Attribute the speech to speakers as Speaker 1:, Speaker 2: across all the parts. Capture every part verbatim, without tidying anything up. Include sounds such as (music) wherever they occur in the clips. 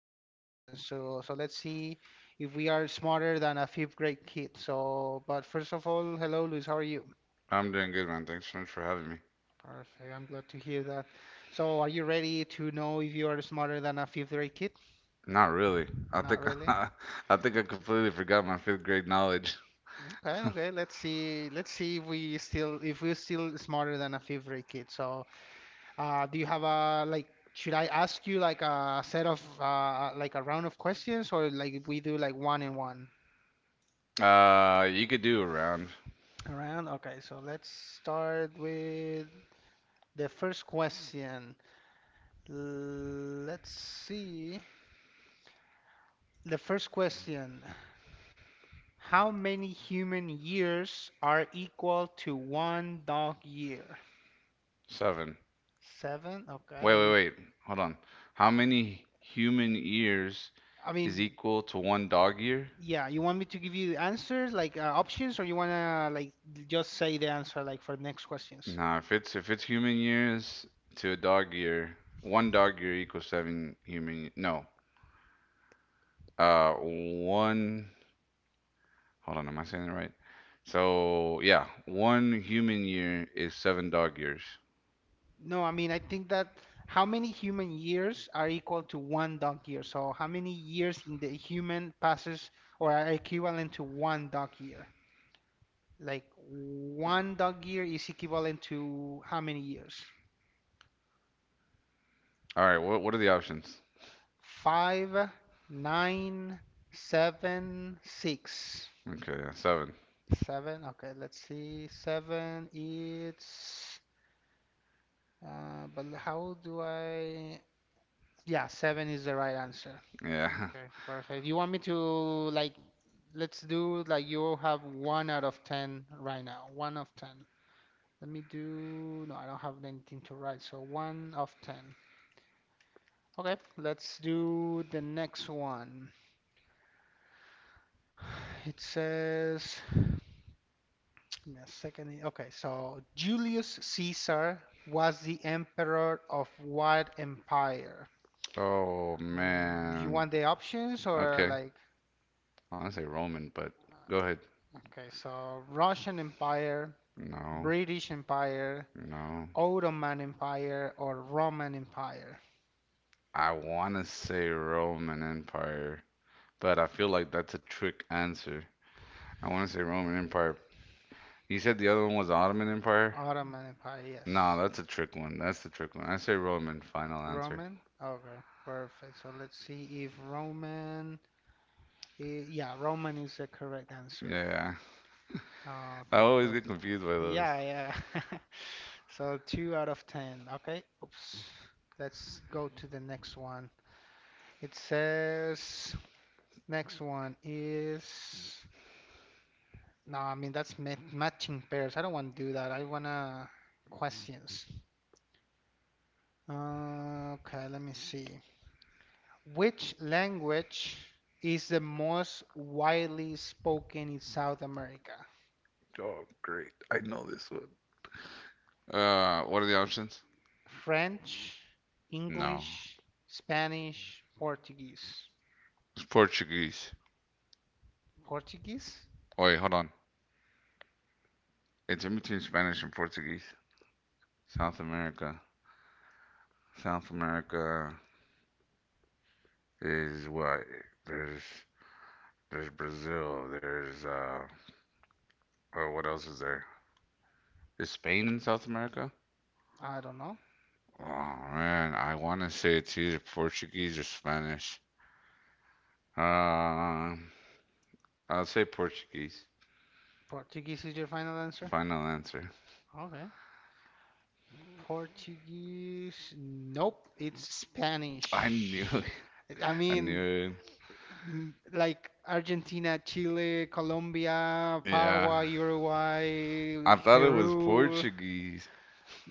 Speaker 1: trivia questions. So, so, let's see if we are smarter than a fifth grade kid. So, but first of all, hello, Luis. How are you?
Speaker 2: I'm doing good, man. Thanks so much for having me.
Speaker 1: Perfect. I'm glad to hear that. So, are you ready to know if you are smarter than a fifth grade kid?
Speaker 2: Not really. I
Speaker 1: Not
Speaker 2: think (laughs)
Speaker 1: really.
Speaker 2: I think I completely forgot my fifth grade knowledge.
Speaker 1: Okay, okay. Let's see. Let's see if we still if we're still smarter than a fifth grade kid. So, uh, do you have a like? Should I ask you like a set of uh like a round of questions or like we do like one and one
Speaker 2: Uh, you could do around
Speaker 1: around? Okay, so let's start with the first question. Let's see. The first question. How many human years are equal to one dog year?
Speaker 2: seven.
Speaker 1: Seven? Okay,
Speaker 2: Wait,
Speaker 1: let
Speaker 2: wait,
Speaker 1: me.
Speaker 2: wait. Hold on. How many human years
Speaker 1: I
Speaker 2: is
Speaker 1: mean,
Speaker 2: equal to one dog year?
Speaker 1: yeah, you want me to give you the answers, like uh, options, or you wanna like just say the answer like for the next questions?
Speaker 2: Nah, if it's if it's human years to a dog year, one dog year equals seven human. No, uh, one. Hold on, am I saying it right? So yeah, one human year is seven dog years.
Speaker 1: No, I mean I think that how many human years are equal to one dog year? So how many years in the human passes or are equivalent to one dog year? Like one dog year is equivalent to how many years?
Speaker 2: All right. What What are the options?
Speaker 1: Five, nine, seven, six.
Speaker 2: Okay, yeah, seven.
Speaker 1: Seven, okay, let's see. Seven, it's Uh, but how do I? Yeah, seven is the right answer.
Speaker 2: Yeah. (laughs)
Speaker 1: Okay, perfect. You want me to like let's do like you have one out of ten right now. One of ten. Let me do. No, I don't have anything to write. So one of ten. Okay, let's do the next one. It says. Give me a second. Okay, so Julius Caesar was the emperor of what empire?
Speaker 2: Oh
Speaker 1: Mm, You
Speaker 2: man.
Speaker 1: want the options or
Speaker 2: Okay.
Speaker 1: like?
Speaker 2: I want to say Roman, but go ahead.
Speaker 1: Okay, so Russian Empire,
Speaker 2: No,
Speaker 1: British Empire,
Speaker 2: no.
Speaker 1: Ottoman Empire, or Roman Empire?
Speaker 2: I want to say Roman Empire, but I feel like that's a trick answer. I want to say Roman Empire. You said the other one was Ottoman Empire?
Speaker 1: Ottoman Empire,
Speaker 2: No,
Speaker 1: yes.
Speaker 2: that's a trick one. That's the trick one. I say Roman. Final answer.
Speaker 1: Roman? Okay, perfect. So let's see if Roman. eh, Yeah, Roman is the correct answer.
Speaker 2: Yeah. I
Speaker 1: Okay,
Speaker 2: always get
Speaker 1: perfect.
Speaker 2: confused by those.
Speaker 1: Yeah, yeah. (laughs) So two out of ten. Okay, oops. Let's go to the next one. It says, next one is. No, I mean that's ma matching pairs. I don't want to do that. I wanna questions. Uh, okay, let me see. Which language is the most widely spoken in South America?
Speaker 2: Oh, great. I know this one. Uh, what are the options?
Speaker 1: French,
Speaker 2: No.
Speaker 1: English, Spanish, Portuguese.
Speaker 2: It's Portuguese.
Speaker 1: Portuguese?
Speaker 2: Wait, hold on. It's in between Spanish and Portuguese. South America. South America is what? There's there's Brazil. There's uh. Oh, what else is there? Is Spain in South America?
Speaker 1: I don't know.
Speaker 2: Oh man, I want to say it's either Portuguese or Spanish. Uh, I'll say Portuguese.
Speaker 1: Portuguese is your final answer?
Speaker 2: Final answer.
Speaker 1: Okay. Portuguese? Nope, it's
Speaker 2: (laughs) I knew it.
Speaker 1: Spanish. I
Speaker 2: I
Speaker 1: mean,
Speaker 2: knew
Speaker 1: m- like Argentina, Chile, Colombia,
Speaker 2: it. Yeah.
Speaker 1: Paraguay, Uruguay,
Speaker 2: I thought it was
Speaker 1: Peru.
Speaker 2: Portuguese.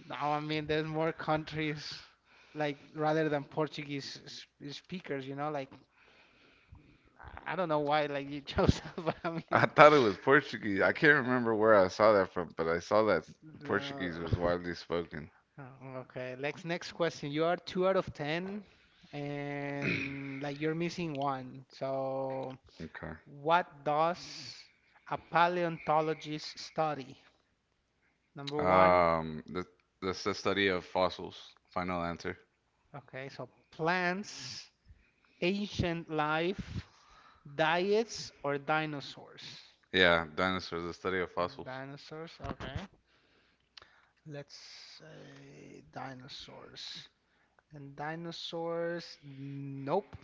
Speaker 1: No, I mean, there's more countries like rather than Portuguese s- s- speakers, you know, like I don't know why like you chose that, (laughs) but I
Speaker 2: I
Speaker 1: mean,
Speaker 2: thought it was Portuguese. I
Speaker 1: (laughs)
Speaker 2: can't remember where I saw that from, but I saw that
Speaker 1: no.
Speaker 2: Portuguese was widely spoken.
Speaker 1: Oh, okay, next next question. You are two out of ten, and like you're missing one. So,
Speaker 2: Okay.
Speaker 1: what does a paleontologist study? Number one,
Speaker 2: Um, the That's the study of fossils. Final answer.
Speaker 1: okay, so plants, ancient life, diets, or dinosaurs?
Speaker 2: Yeah, dinosaurs, the study of fossils.
Speaker 1: Dinosaurs, okay. Let's say dinosaurs. And dinosaurs, nope.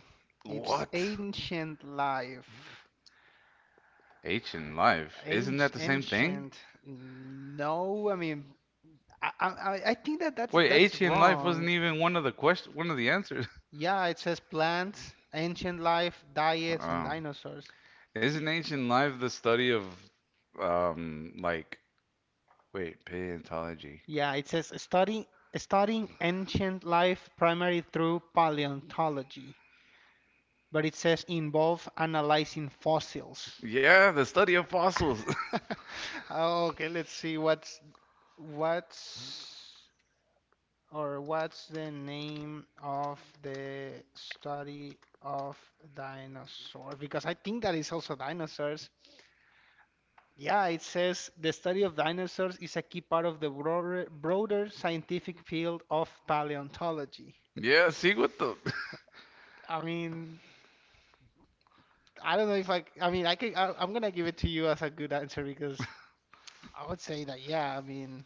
Speaker 1: It's
Speaker 2: What?
Speaker 1: ancient life.
Speaker 2: Ancient life. Isn't
Speaker 1: Ancient,
Speaker 2: that the same thing?
Speaker 1: ancient, no. I mean, I, I, I I think that that's,
Speaker 2: Wait,
Speaker 1: that's
Speaker 2: ancient life
Speaker 1: wrong.
Speaker 2: wasn't even one of the question, one of the answers. (laughs)
Speaker 1: Yeah, it says plants, ancient life, diets, and
Speaker 2: Oh.
Speaker 1: dinosaurs.
Speaker 2: Isn't ancient life the study of um like wait, paleontology?
Speaker 1: Yeah, it says studying studying ancient life primarily through paleontology, but it says involve analyzing fossils.
Speaker 2: Yeah, the study of fossils. (laughs)
Speaker 1: (laughs) Okay, let's see what's what's or what's the name of the study of dinosaurs? Because I think that is also dinosaurs. Yeah, it says the study of dinosaurs is a key part of the broader, broader scientific field of paleontology.
Speaker 2: Yeah, see what the
Speaker 1: I mean, I don't know if I. I mean, I could. I, I'm gonna give it to you as a good answer because I would say that yeah. I mean,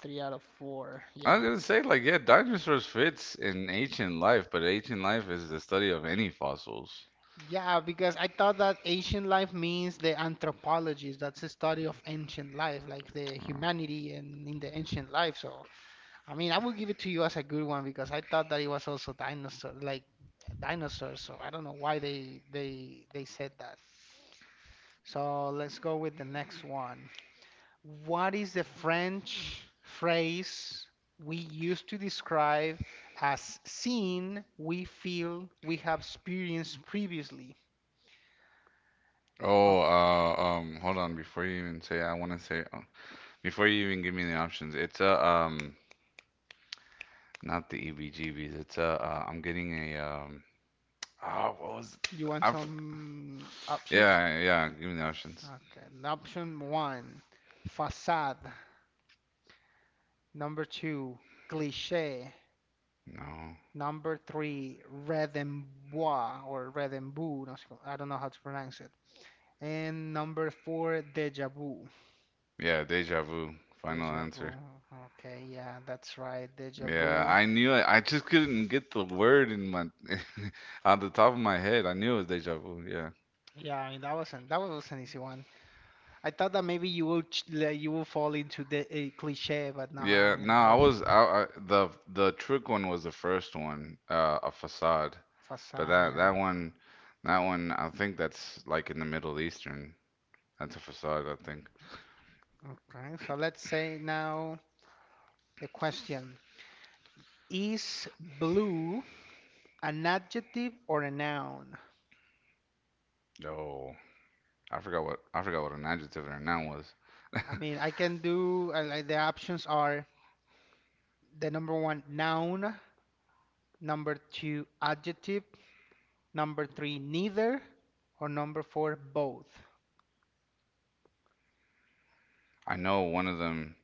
Speaker 1: three out of four.
Speaker 2: I
Speaker 1: Yeah,
Speaker 2: was gonna say, like, yeah, dinosaurs fits in ancient life, but ancient life is the study of any fossils.
Speaker 1: yeah. Because I thought that ancient life means the anthropologies. That's the study of ancient life, like the
Speaker 2: Uh,
Speaker 1: humanity and in the ancient life. So I mean, I would give it to you as a good one because I thought that it was also dinosaur, like dinosaurs. So I don't know why they they they said that. So let's go with the next one. What is the French phrase we use to describe as seen, we feel, we have experienced previously? Op-
Speaker 2: Oh, uh, um, hold on. Before you even say, I want to say, uh, before you even give me the options, it's a, um, not the E B G Bs. It's a, uh, I'm getting a, um, oh, what was,
Speaker 1: you want
Speaker 2: I, f-
Speaker 1: some options?
Speaker 2: yeah, yeah. Give me the options.
Speaker 1: Okay. Option one, facade. Number two, cliché.
Speaker 2: No.
Speaker 1: Number three, redembois or redembu. No, I don't know how to pronounce it. And number four, déjà vu.
Speaker 2: Yeah, deja vu. Final
Speaker 1: Deja vu.
Speaker 2: answer.
Speaker 1: Okay, yeah, that's right. Deja
Speaker 2: Yeah,
Speaker 1: vu.
Speaker 2: I knew it. I just couldn't get the word in my, (laughs) on the top of my head. I knew it was deja vu. Yeah.
Speaker 1: Yeah, I mean, that wasn't that was an easy one. I thought that maybe you will ch- like, you will fall into the uh, cliche, but no, I
Speaker 2: Yeah, no,
Speaker 1: mean that
Speaker 2: I
Speaker 1: was
Speaker 2: was I, I the the trick one was the first one, uh, a facade. But
Speaker 1: facade.
Speaker 2: that that
Speaker 1: Yeah.
Speaker 2: one, that one, I think that's like in the Middle Eastern. That's a facade, I think.
Speaker 1: Okay, so let's say now the question: Is blue an adjective or a noun?
Speaker 2: Oh, I forgot what I forgot what an adjective and a noun was.
Speaker 1: I mean, I can do uh, like the options are the number one noun, number two adjective, number three neither, or number four both.
Speaker 2: I know one of them,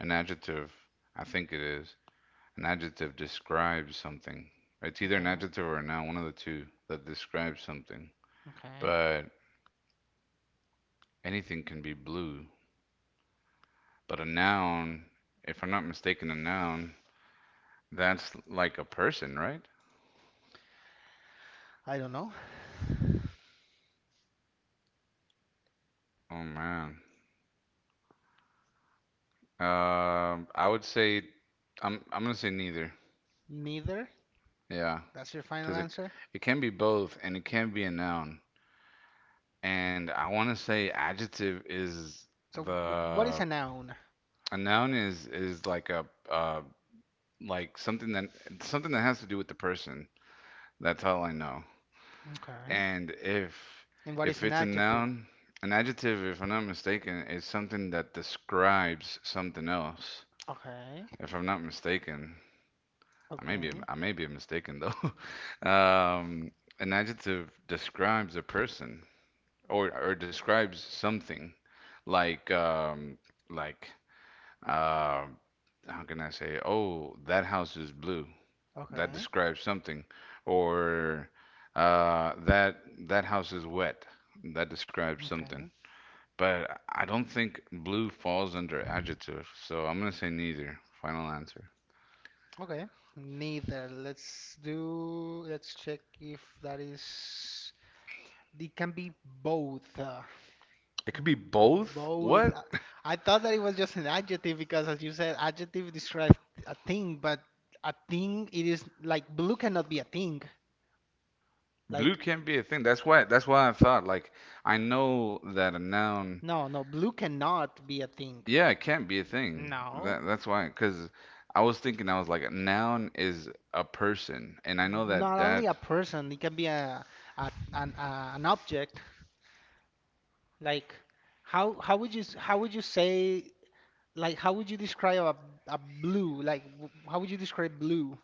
Speaker 2: an adjective, I think it is. An adjective describes something. It's either
Speaker 1: Okay.
Speaker 2: an adjective or a noun, one of the two that describes something.
Speaker 1: Okay.
Speaker 2: But anything can be blue. But a noun, if I'm not mistaken, a noun. That's like a person, right?
Speaker 1: I don't know.
Speaker 2: Oh man. Um, I would say I'm I'm gonna say neither.
Speaker 1: Neither.
Speaker 2: Yeah,
Speaker 1: That's your final
Speaker 2: because it
Speaker 1: answer?
Speaker 2: it can be both and it can be a noun. And I want to say adjective is
Speaker 1: So, b- what is
Speaker 2: the
Speaker 1: a noun?
Speaker 2: a noun is is like a uh like something that something that has to do with the person. That's all I know.
Speaker 1: Okay.
Speaker 2: And if
Speaker 1: And what is
Speaker 2: if
Speaker 1: an
Speaker 2: it's a
Speaker 1: adjective?
Speaker 2: noun, an adjective, if I'm not mistaken, is something that describes something else.
Speaker 1: Okay.
Speaker 2: If I'm not mistaken. I may be
Speaker 1: Okay.
Speaker 2: I may be mistaken though. (laughs) um, an adjective describes a person or or describes something, like um, like uh, how can I say? Oh, that house is blue. That
Speaker 1: Okay.
Speaker 2: describes something, or uh, that that house is wet. That describes something.
Speaker 1: Okay.
Speaker 2: But I don't think blue falls under adjective, so I'm gonna say neither. Final answer.
Speaker 1: Okay. Neither. Let's do, let's check if that is, it can be both. Uh,
Speaker 2: It could be both.
Speaker 1: both.
Speaker 2: What?
Speaker 1: uh, I thought that it was just an adjective because, as you said, adjective describes a thing, but a thing, it is like blue cannot be a thing.
Speaker 2: Blue
Speaker 1: Like,
Speaker 2: can't be a thing. That's why. That's why I thought. Like I know that a noun.
Speaker 1: no, no, blue cannot be a thing.
Speaker 2: Yeah, it can't be a thing.
Speaker 1: No.
Speaker 2: That that's why. Because I was thinking. I was like, a noun is a person, and I know that
Speaker 1: Not only
Speaker 2: that.
Speaker 1: a person, it can be a, a an a, an object. Like how how would you s- how would you say like how would you describe a, a blue? Like w- how would you describe blue?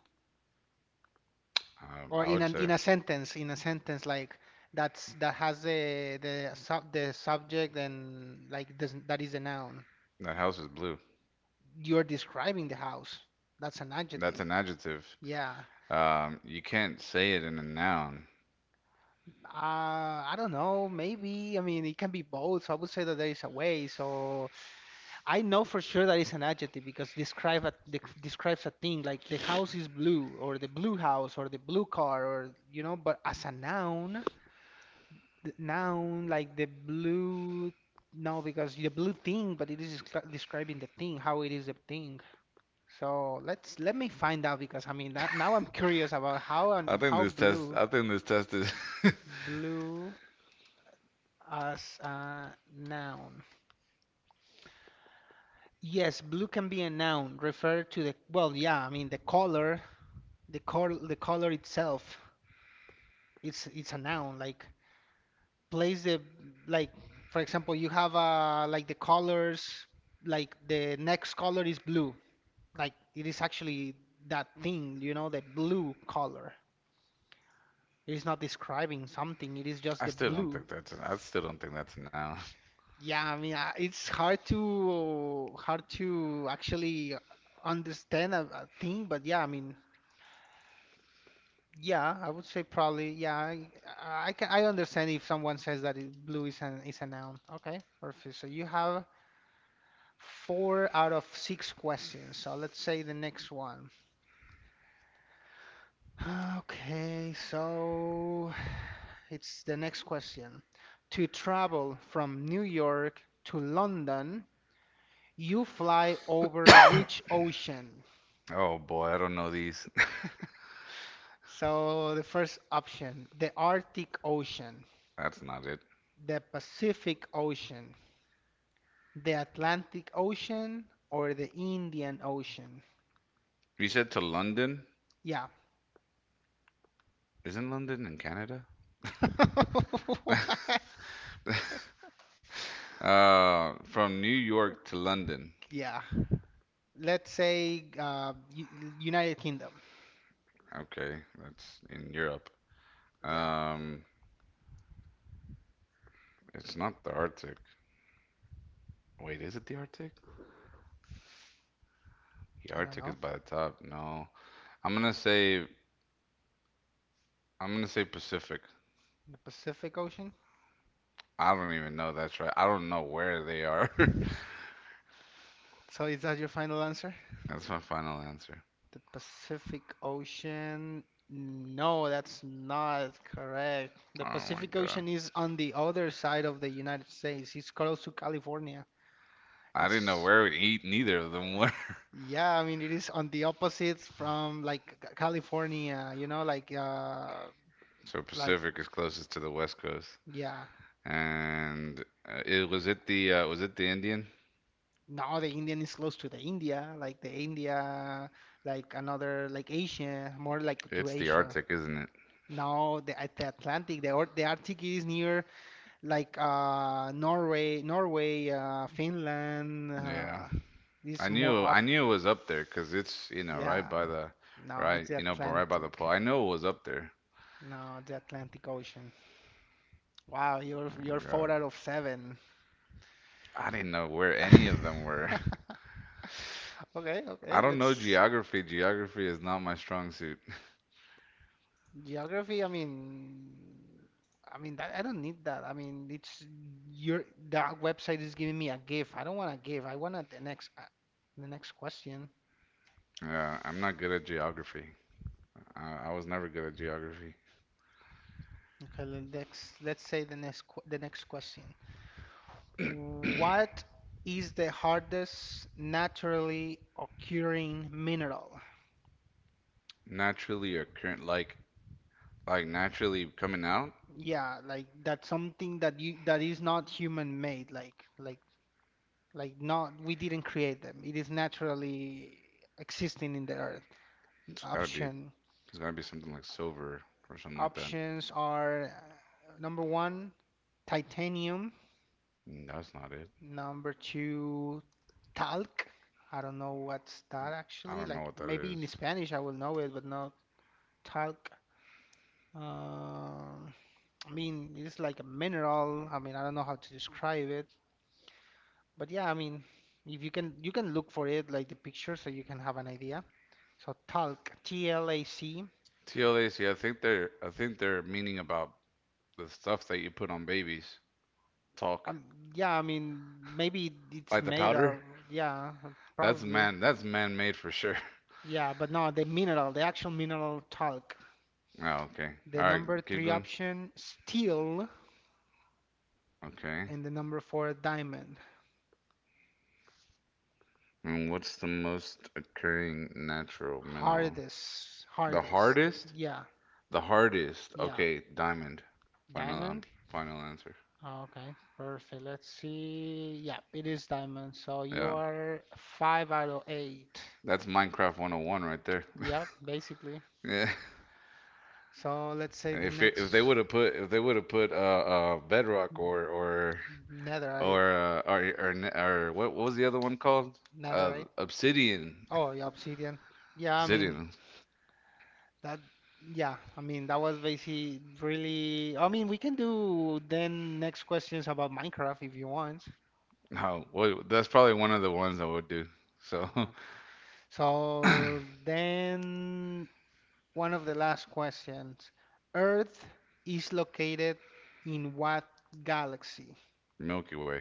Speaker 2: Um,
Speaker 1: Or
Speaker 2: I
Speaker 1: in
Speaker 2: would
Speaker 1: an
Speaker 2: say
Speaker 1: in a sentence, in a sentence like that's that has the the sub, the subject and like doesn't that is a noun.
Speaker 2: that house is blue.
Speaker 1: You're describing the house. That's an
Speaker 2: That's
Speaker 1: adjective.
Speaker 2: an adjective.
Speaker 1: Yeah.
Speaker 2: Um, you can't say it in a noun.
Speaker 1: Uh, I don't know. Maybe. I mean, it can be both. So I would say that there is a way. So I know for sure that it's an adjective because describe a, dec- describes a thing like the house is blue or the blue house or the blue car or you know, but as a noun, the noun like the blue, no, because the blue thing, but it is descri- describing the thing, how it is a thing. So let's let me find out because I mean that, now I'm curious about how and
Speaker 2: I think
Speaker 1: how
Speaker 2: this test.
Speaker 1: blue
Speaker 2: I think this test is. (laughs)
Speaker 1: blue as a noun. Yes, blue can be a noun, refer to the, well, yeah, I mean the color the color the color itself. It's it's a noun like place the like for example you have uh like the colors like the next color is blue like it is actually that thing you know the blue color. It is not describing something. It is just
Speaker 2: I
Speaker 1: the
Speaker 2: still don't
Speaker 1: blue.
Speaker 2: think that's. I still don't think that's a noun.
Speaker 1: Yeah, I mean uh, it's hard to hard to actually understand a, a thing, but yeah I mean yeah, I would say probably. Yeah, I, I can I understand if someone says that it, blue is an is a noun. Okay, perfect. So you have four out of six questions. So let's say the next one. (sighs) Okay, so it's the next question. To travel from New York to London, you fly over which ocean?
Speaker 2: Oh boy, I don't know these. (laughs)
Speaker 1: So the first option, the Arctic Ocean,
Speaker 2: That's not it.
Speaker 1: the Pacific Ocean, the Atlantic Ocean or the Indian Ocean?
Speaker 2: We said to London.
Speaker 1: Yeah.
Speaker 2: Isn't London in Canada?
Speaker 1: (laughs) What?
Speaker 2: Uh, from New York to London.
Speaker 1: Yeah. Let's say uh, U- United Kingdom.
Speaker 2: Okay, that's in Europe.
Speaker 1: Yeah.
Speaker 2: Um, it's not the Arctic. Wait, is it the Arctic? The
Speaker 1: I don't
Speaker 2: Arctic is
Speaker 1: know.
Speaker 2: by the top. No, I'm gonna say I'm gonna say Pacific.
Speaker 1: The Pacific Ocean?
Speaker 2: I don't even know. That's right. I don't know where they are. (laughs)
Speaker 1: So is that your final answer?
Speaker 2: That's my final answer.
Speaker 1: The Pacific Ocean. No, that's not correct. The
Speaker 2: Oh my
Speaker 1: Pacific
Speaker 2: God.
Speaker 1: Ocean is on the other side of the United States. It's close to California.
Speaker 2: I didn't know
Speaker 1: It's
Speaker 2: where e neither of them were. (laughs)
Speaker 1: Yeah, I mean it is on the opposites from like C- California, you know, like uh
Speaker 2: So
Speaker 1: like
Speaker 2: Pacific is closest to the West Coast.
Speaker 1: yeah.
Speaker 2: And uh, it was it the uh, was it the Indian?
Speaker 1: Now the Indian is close to the India, like the India, like another like Asia, more like to
Speaker 2: It's the
Speaker 1: Asia.
Speaker 2: Arctic, isn't it?
Speaker 1: Now the at the Atlantic, the or- the Arctic is near like uh Norway, Norway, uh Finland,
Speaker 2: Yeah,
Speaker 1: uh
Speaker 2: I
Speaker 1: is more
Speaker 2: knew I
Speaker 1: up.
Speaker 2: knew it was up there because it's you know right
Speaker 1: Yeah.
Speaker 2: by the
Speaker 1: No, it's
Speaker 2: right
Speaker 1: the
Speaker 2: you know but right by the
Speaker 1: Atlantic.
Speaker 2: pool. I know it was up there.
Speaker 1: No, the Atlantic Ocean. Wow, you're
Speaker 2: Oh
Speaker 1: you're
Speaker 2: my
Speaker 1: four
Speaker 2: God,
Speaker 1: out of seven.
Speaker 2: I didn't know where any of them were.
Speaker 1: (laughs) Okay,
Speaker 2: (laughs) I
Speaker 1: okay.
Speaker 2: don't know
Speaker 1: Let's
Speaker 2: geography. Geography is not my strong suit.
Speaker 1: geography. I mean, I mean that I don't need that. I mean, it's your that website is giving me a gift. I don't want a gift. I want the next uh, the next question.
Speaker 2: Yeah, I'm not good at geography. Uh, I was never good at geography.
Speaker 1: Okay, le- let's let's say the next qu- the next question.
Speaker 2: (clears throat)
Speaker 1: What is the hardest naturally occurring mineral?
Speaker 2: Naturally occurring like like naturally coming out.
Speaker 1: Yeah, like that's something that you that is not human made, like like like not, we didn't create them. It is naturally existing in the earth.
Speaker 2: It's gotta be
Speaker 1: Option
Speaker 2: it's gotta be something like silver or something like that.
Speaker 1: options are uh, number one, titanium.
Speaker 2: Mm, That's not it.
Speaker 1: Number two, talc. I don't know what's that
Speaker 2: I
Speaker 1: actually.
Speaker 2: don't know
Speaker 1: Like
Speaker 2: what that
Speaker 1: maybe
Speaker 2: is.
Speaker 1: in Spanish I will know it, but not talc. Um, I mean, it's like a mineral. I mean, I don't know how to describe it, but yeah, I mean, if you can you can look for it like the picture so you can have an idea. So talc, T L A C.
Speaker 2: T L A C, I think they're I think they're meaning about the stuff that you put on babies. Talk.
Speaker 1: Um, yeah, I mean, maybe it's
Speaker 2: Like the
Speaker 1: made
Speaker 2: powder?
Speaker 1: of, yeah,
Speaker 2: That's
Speaker 1: probably.
Speaker 2: man that's man made for sure. (laughs)
Speaker 1: Yeah, but no, the mineral, the actual mineral talc.
Speaker 2: Oh, okay.
Speaker 1: The
Speaker 2: Alright,
Speaker 1: number
Speaker 2: keep
Speaker 1: three
Speaker 2: going.
Speaker 1: option, steel,
Speaker 2: Okay.
Speaker 1: and the number four, diamond.
Speaker 2: And what's the most occurring natural mineral?
Speaker 1: Hardest,
Speaker 2: The
Speaker 1: hardest.
Speaker 2: hardest?
Speaker 1: Yeah,
Speaker 2: The hardest.
Speaker 1: yeah.
Speaker 2: Okay, diamond. Final um,
Speaker 1: Diamond?
Speaker 2: final answer.
Speaker 1: Oh, okay, perfect. Let's see. Yeah, it is diamond. So you
Speaker 2: Yeah.
Speaker 1: are five out of eight.
Speaker 2: That's Minecraft one oh one right there.
Speaker 1: Yeah, basically.
Speaker 2: (laughs) yeah.
Speaker 1: So let's say the
Speaker 2: If it, if they
Speaker 1: next
Speaker 2: would have put if they would have put uh, uh Bedrock or or or
Speaker 1: netherite,
Speaker 2: uh, or, or or what what was the other one called? Uh
Speaker 1: netherite.
Speaker 2: Obsidian
Speaker 1: Oh, yeah, Obsidian. Yeah, I mean
Speaker 2: Sitting.
Speaker 1: that. Yeah, I mean that was basically really. I mean, we can do then next questions about Minecraft if you want.
Speaker 2: No, well, that's probably one of the ones I would do. So,
Speaker 1: Okay.
Speaker 2: (coughs)
Speaker 1: So
Speaker 2: (clears throat)
Speaker 1: then one of the last questions. Earth is located in what galaxy?
Speaker 2: Milky Way.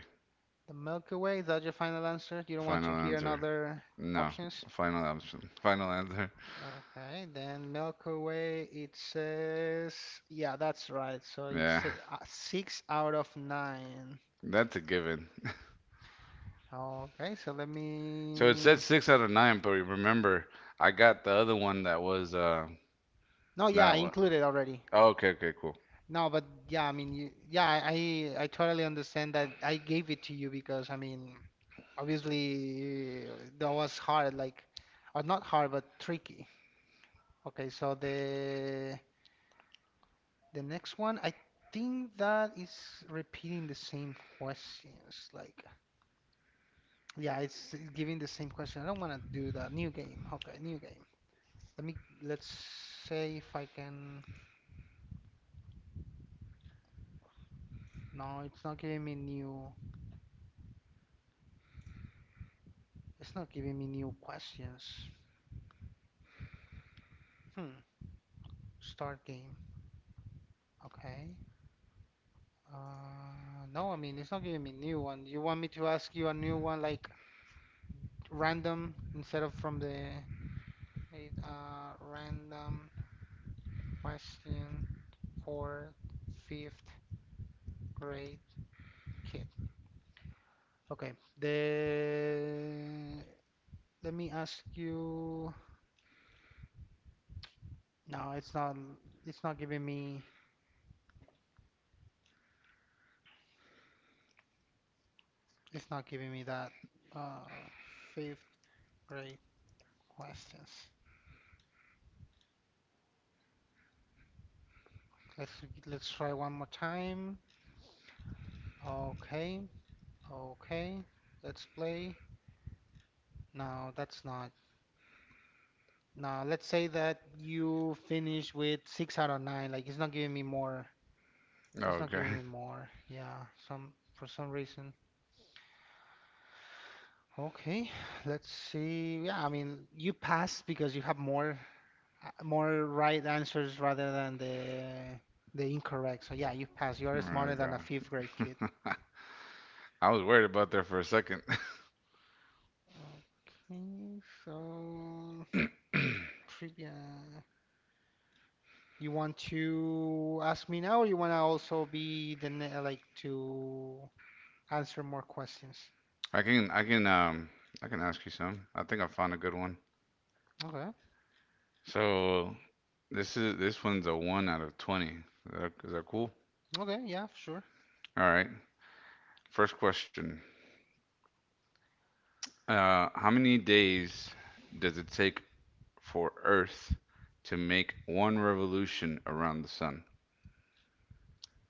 Speaker 1: The Milky Way, is that your final answer? You don't want to
Speaker 2: Final
Speaker 1: hear
Speaker 2: answer.
Speaker 1: another
Speaker 2: No,
Speaker 1: options?
Speaker 2: final option. Final answer.
Speaker 1: Okay, then Milky Way, it says, yeah, that's right. So
Speaker 2: Yeah,
Speaker 1: it's uh, uh, six out of nine.
Speaker 2: that's a given.
Speaker 1: Okay, so let
Speaker 2: So it said
Speaker 1: me.
Speaker 2: six out of nine, but remember, I got the other one that was uh
Speaker 1: No, yeah,
Speaker 2: that
Speaker 1: I
Speaker 2: one.
Speaker 1: included already.
Speaker 2: Oh, okay, okay, cool.
Speaker 1: No, but yeah, I mean, you, yeah, I, I I totally understand that I gave it to you because, I mean, obviously uh, that was hard, like, or not hard, but tricky. Okay, so the the next one, I think that is repeating the same questions, like. Yeah, it's giving the same question. I don't want to do that. New game. Okay, new game. Let me let's say if I can. No, it's not giving me new. It's not giving me new questions. Hmm. Start game. Okay. Uh, no, I mean it's not giving me new one. You want me to ask you a new one like random instead of from the uh, random question for fifth grade kid. Okay. The Let me ask you. No, it's not. It's not giving me. It's not giving me that uh, fifth grade questions. Let's let's try one more time. Okay, okay. Let's play. No, that's not. No, let's say that you finish with six out of nine. Like it's not giving me more.
Speaker 2: Oh,
Speaker 1: It's not
Speaker 2: okay.
Speaker 1: giving me
Speaker 2: (laughs)
Speaker 1: more. Yeah, some for some reason. Okay, let's see. Yeah, I mean, you passed because you have more uh, more right answers rather than the the incorrect. So yeah, you pass. You are
Speaker 2: All
Speaker 1: smarter
Speaker 2: right,
Speaker 1: than a fifth grade kid.
Speaker 2: go. (laughs) I was worried about there for a second. (coughs)
Speaker 1: Okay, so
Speaker 2: (clears throat)
Speaker 1: trivia. You want to ask me now, or you want to also be the ne like to answer more questions?
Speaker 2: I can, I can, um, I can ask you some. I think I found a good one.
Speaker 1: Okay.
Speaker 2: So this is this one's a one out of twenty. Is that, is that cool?
Speaker 1: Okay. Yeah. Sure.
Speaker 2: All right. First question. Uh, how many days does it take for Earth to make one revolution around the sun?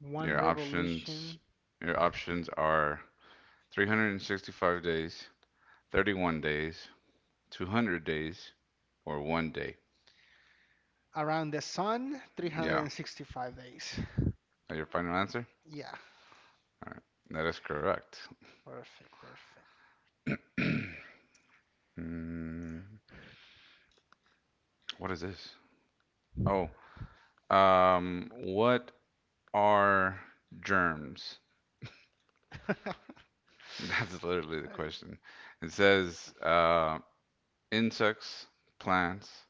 Speaker 1: One
Speaker 2: Your options
Speaker 1: revolution
Speaker 2: your options are three hundred sixty-five days, thirty-one days, two hundred days, or one day.
Speaker 1: around the sun,
Speaker 2: Yeah.
Speaker 1: three hundred sixty-five days.
Speaker 2: That your final answer?
Speaker 1: Yeah.
Speaker 2: All right. That is correct.
Speaker 1: Perfect. Perfect.
Speaker 2: (clears throat) Mm, what is this? Oh, Um, what are germs? (laughs) That's literally the
Speaker 1: (laughs) I
Speaker 2: question. It says uh, insects, plants,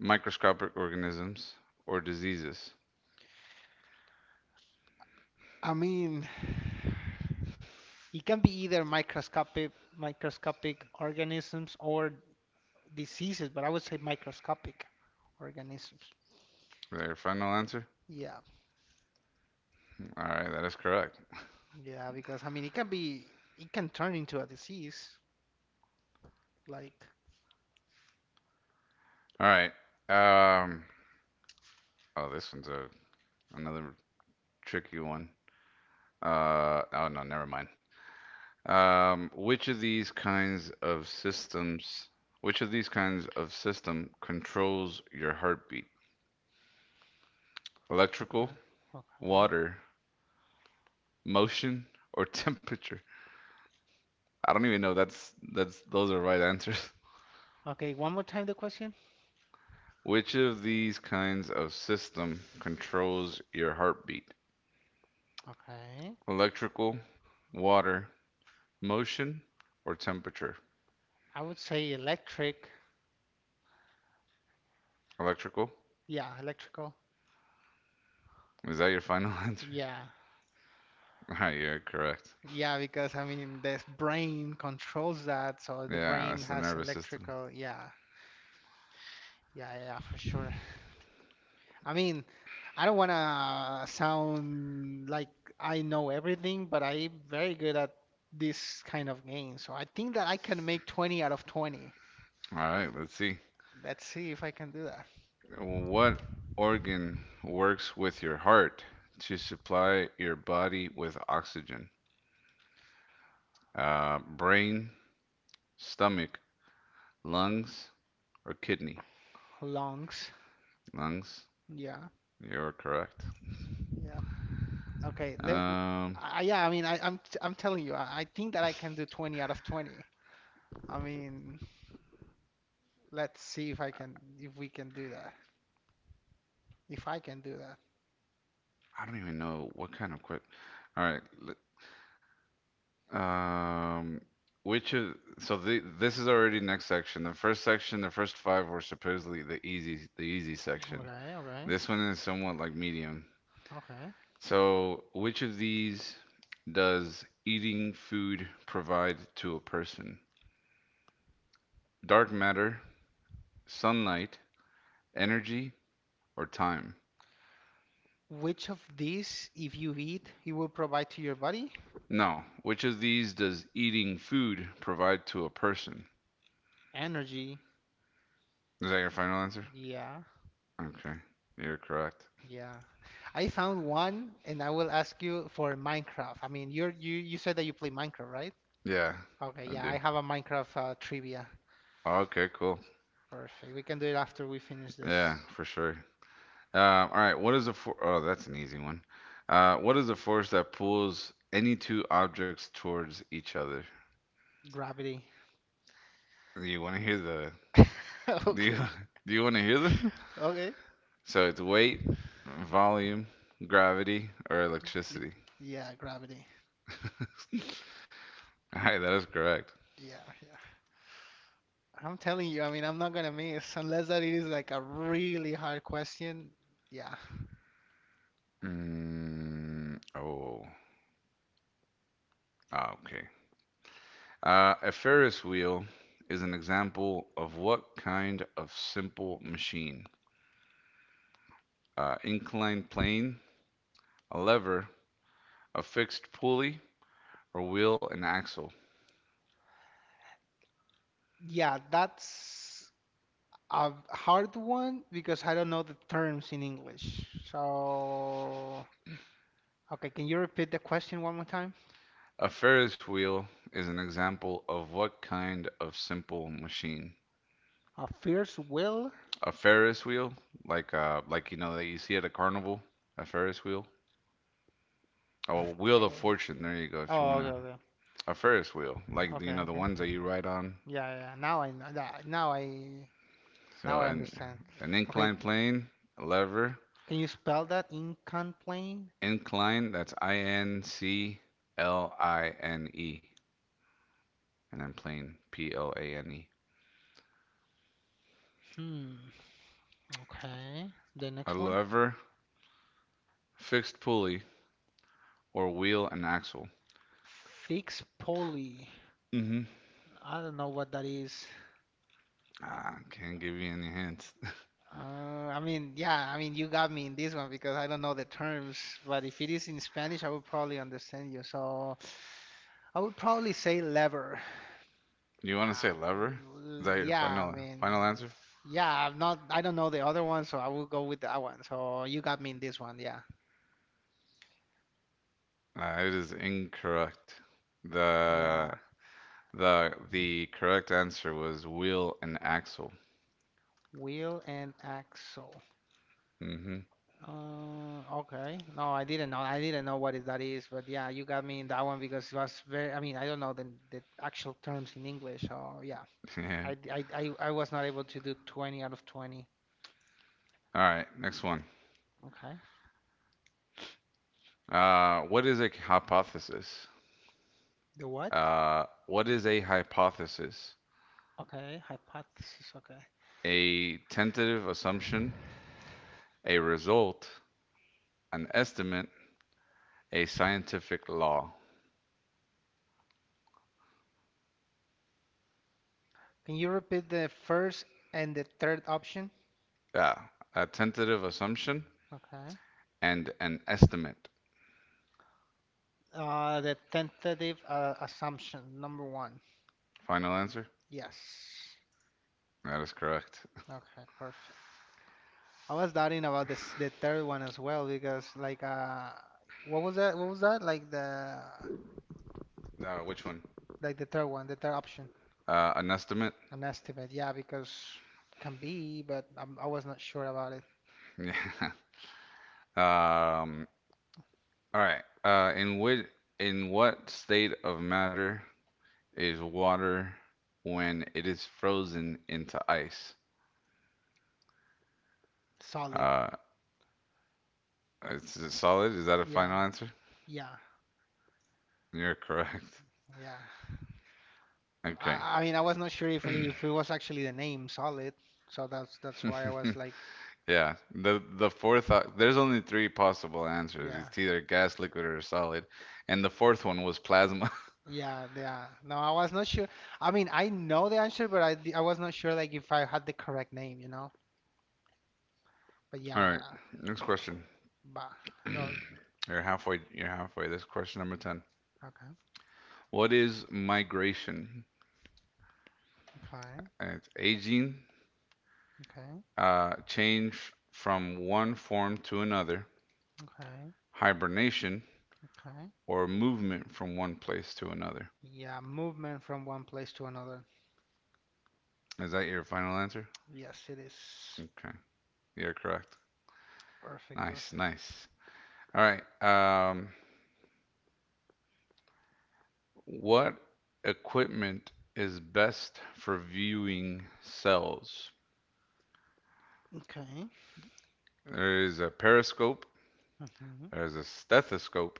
Speaker 2: microscopic organisms, or diseases.
Speaker 1: I mean. It can be either microscopic microscopic organisms or diseases, but I would say microscopic organisms.
Speaker 2: Is that your final answer?
Speaker 1: Yeah,
Speaker 2: All right, that is correct.
Speaker 1: yeah, because I mean it can be it can turn into a disease. Like
Speaker 2: All right. Um, oh, this one's a another tricky one. Uh, oh no, never mind. Um, which of these kinds of systems, which of these kinds of system controls your heartbeat? Electrical,
Speaker 1: okay, okay,
Speaker 2: water, motion, or (laughs) temperature? I don't even know. That's that's those are right answers.
Speaker 1: okay. One more time the question.
Speaker 2: (laughs) Which of these kinds of system controls your heartbeat?
Speaker 1: Okay,
Speaker 2: Electrical, water, motion, or temperature?
Speaker 1: I would say electric.
Speaker 2: Electrical?
Speaker 1: Yeah, electrical.
Speaker 2: Is that your final (laughs) answer?
Speaker 1: Yeah,
Speaker 2: All right, you're correct.
Speaker 1: yeah, because I mean the brain controls that, so the
Speaker 2: Yeah,
Speaker 1: brain
Speaker 2: that's the
Speaker 1: has
Speaker 2: nervous system.
Speaker 1: electrical. Yeah, yeah, yeah, for sure. I mean, I don't want to sound like I know everything, but I'm very good at this kind of game. So I think that I can make twenty out of twenty.
Speaker 2: All right, let's see.
Speaker 1: Let's see if I can do that.
Speaker 2: What organ works with your heart to supply your body with oxygen? Uh, brain, stomach, lungs, or kidney?
Speaker 1: Longs.
Speaker 2: Lungs.
Speaker 1: Yeah.
Speaker 2: You're correct.
Speaker 1: Yeah. Okay. Let,
Speaker 2: Um,
Speaker 1: I, yeah, I mean, I, I'm I'm telling you, I, I think that I
Speaker 2: (laughs)
Speaker 1: can do twenty out of twenty. I mean, let's see if I can if we can do that. If I can do that.
Speaker 2: I don't even know what kind of question. All right. l- Um, which is so the, this is already next section. The first section, the first five were supposedly the easy the easy section.
Speaker 1: Okay, okay,
Speaker 2: This one is somewhat like medium.
Speaker 1: okay.
Speaker 2: So, which of these does eating food provide to a person? Dark matter, sunlight, energy, or time?
Speaker 1: Which of these, if you eat, you will provide to your body?
Speaker 2: No. Which of these does eating food provide to a person?
Speaker 1: Energy.
Speaker 2: Is that your final answer?
Speaker 1: Yeah,
Speaker 2: Okay. You're correct.
Speaker 1: yeah. I found one and I will ask you for Minecraft. I mean, you're you you said that you play Minecraft, right?
Speaker 2: Yeah,
Speaker 1: Okay,
Speaker 2: I
Speaker 1: yeah,
Speaker 2: do.
Speaker 1: I have a Minecraft uh, trivia.
Speaker 2: Okay, cool.
Speaker 1: Perfect. We can do it after we finish
Speaker 2: Yeah,
Speaker 1: this.
Speaker 2: for sure. Uh, all right. What is a for- Oh, that's an easy one. Uh, what is a force that pulls any two objects towards each other?
Speaker 1: Gravity.
Speaker 2: Do you want to hear the
Speaker 1: (laughs)
Speaker 2: do you
Speaker 1: Okay.
Speaker 2: (laughs) do you want to hear them? (laughs)
Speaker 1: Okay.
Speaker 2: So it's weight, volume, gravity, or
Speaker 1: Y-
Speaker 2: electricity.
Speaker 1: Yeah, gravity.
Speaker 2: All right, that is correct.
Speaker 1: Yeah, yeah. I'm telling you, I mean, I'm not gonna miss unless that it is like a really hard question. Yeah.
Speaker 2: Mm, oh, ah, okay. Uh, a Ferris wheel is an example of what kind of simple machine? Uh, inclined plane, a lever, a fixed pulley, or wheel and axle.
Speaker 1: Yeah, that's a hard one because I don't know the terms in English. So, okay, can you repeat the question one more time?
Speaker 2: A Ferris wheel is an example of what kind of simple machine?
Speaker 1: A fierce will?
Speaker 2: A Ferris wheel, like uh, like you know that you see at a carnival, a Ferris wheel. Oh, wheel of
Speaker 1: Fair.
Speaker 2: fortune. There you go. If you
Speaker 1: Oh, okay,
Speaker 2: wanna,
Speaker 1: okay,
Speaker 2: a Ferris wheel, like you
Speaker 1: okay,
Speaker 2: know the
Speaker 1: okay.
Speaker 2: ones that you ride on.
Speaker 1: Yeah, yeah, yeah. Now I know. that- Now I
Speaker 2: So
Speaker 1: now I
Speaker 2: an
Speaker 1: understand.
Speaker 2: an
Speaker 1: Okay,
Speaker 2: inclined
Speaker 1: c-
Speaker 2: plane, a lever,
Speaker 1: can you spell that? Incomplain?
Speaker 2: incline, that's I N C L I N E, and then plane, P L A N E.
Speaker 1: Hmm. Okay. The
Speaker 2: A
Speaker 1: next one.
Speaker 2: lever, fixed pulley, or wheel and axle.
Speaker 1: Fix poly.
Speaker 2: Mm-hmm.
Speaker 1: I don't know what that is.
Speaker 2: Ah, can't give you any hints.
Speaker 1: Uh, I mean, yeah, I mean, you got me in this one because I don't know the terms, but if it is in Spanish, I would probably understand you. So I would probably say lever.
Speaker 2: (laughs) You want to say
Speaker 1: Uh,
Speaker 2: lever? Is that
Speaker 1: l-
Speaker 2: your
Speaker 1: yeah, I
Speaker 2: final
Speaker 1: mean,
Speaker 2: final answer?
Speaker 1: yeah, I'm not, I don't know the other one, so I will go with that one. So you got me in this one, yeah.
Speaker 2: Uh, it is incorrect. The
Speaker 1: Yeah,
Speaker 2: the the correct answer was wheel and axle.
Speaker 1: wheel and axle.
Speaker 2: Mm-hmm.
Speaker 1: Uh, okay. No, I didn't know. I didn't know what is that is, but yeah, you got me in that one because it was very, I mean, I don't know the the actual terms in English, so yeah.
Speaker 2: (laughs) Yeah.
Speaker 1: I, I, I, I was not able to do twenty out of twenty.
Speaker 2: All right, next one.
Speaker 1: Okay.
Speaker 2: Uh, what is a hypothesis?
Speaker 1: The what?
Speaker 2: Uh, what is a hypothesis?
Speaker 1: Okay, hypothesis. Okay.
Speaker 2: A tentative assumption, a result, an estimate, a scientific law.
Speaker 1: Can you repeat the first and the third option?
Speaker 2: Yeah, a tentative assumption
Speaker 1: Okay.
Speaker 2: and an estimate.
Speaker 1: Uh, the tentative uh, assumption, number one.
Speaker 2: Final answer?
Speaker 1: Yes.
Speaker 2: That is correct.
Speaker 1: Okay, perfect. I was doubting about this, the third one as well because like uh, what was that? What was that? Like the
Speaker 2: Uh, which one?
Speaker 1: like the third one, the third option,
Speaker 2: Uh, an estimate?
Speaker 1: an estimate. Yeah, because can be, but I'm, I was not sure about it.
Speaker 2: Yeah. (laughs) Um, all right. Uh, in which, in what state of matter is water when it is frozen into ice?
Speaker 1: Solid.
Speaker 2: Uh, it's it's solid. Is that a final
Speaker 1: Yeah.
Speaker 2: answer?
Speaker 1: Yeah,
Speaker 2: You're correct. (laughs)
Speaker 1: yeah.
Speaker 2: Okay.
Speaker 1: I, I mean, I was not sure if if it was actually the name Solid, so that's that's why I was
Speaker 2: (laughs)
Speaker 1: like,
Speaker 2: Yeah. The the fourth op- there's only three possible answers.
Speaker 1: yeah,
Speaker 2: It's either gas, liquid, or solid. And the fourth one was plasma.
Speaker 1: yeah, yeah. No, I was not sure. I mean, I know the answer, but I di- I was not sure like if I had the correct name, you know. But
Speaker 2: (laughs)
Speaker 1: yeah,
Speaker 2: All right.
Speaker 1: I-
Speaker 2: Next question.
Speaker 1: but no,
Speaker 2: (clears throat) You're halfway. You're halfway. This is question number ten.
Speaker 1: okay,
Speaker 2: What is migration?
Speaker 1: okay,
Speaker 2: Uh, It's aging,
Speaker 1: okay,
Speaker 2: uh, change from one form to another,
Speaker 1: okay,
Speaker 2: hibernation,
Speaker 1: okay.
Speaker 2: or movement from one place to another.
Speaker 1: Yeah, movement from one place to another.
Speaker 2: Is that your final answer?
Speaker 1: Yes, it is
Speaker 2: Okay, you're correct.
Speaker 1: perfect,
Speaker 2: Nice,
Speaker 1: perfect.
Speaker 2: nice. All right. Um, what equipment is best for viewing cells?
Speaker 1: Okay.
Speaker 2: There is a periscope,
Speaker 1: Hmm.
Speaker 2: there's a stethoscope,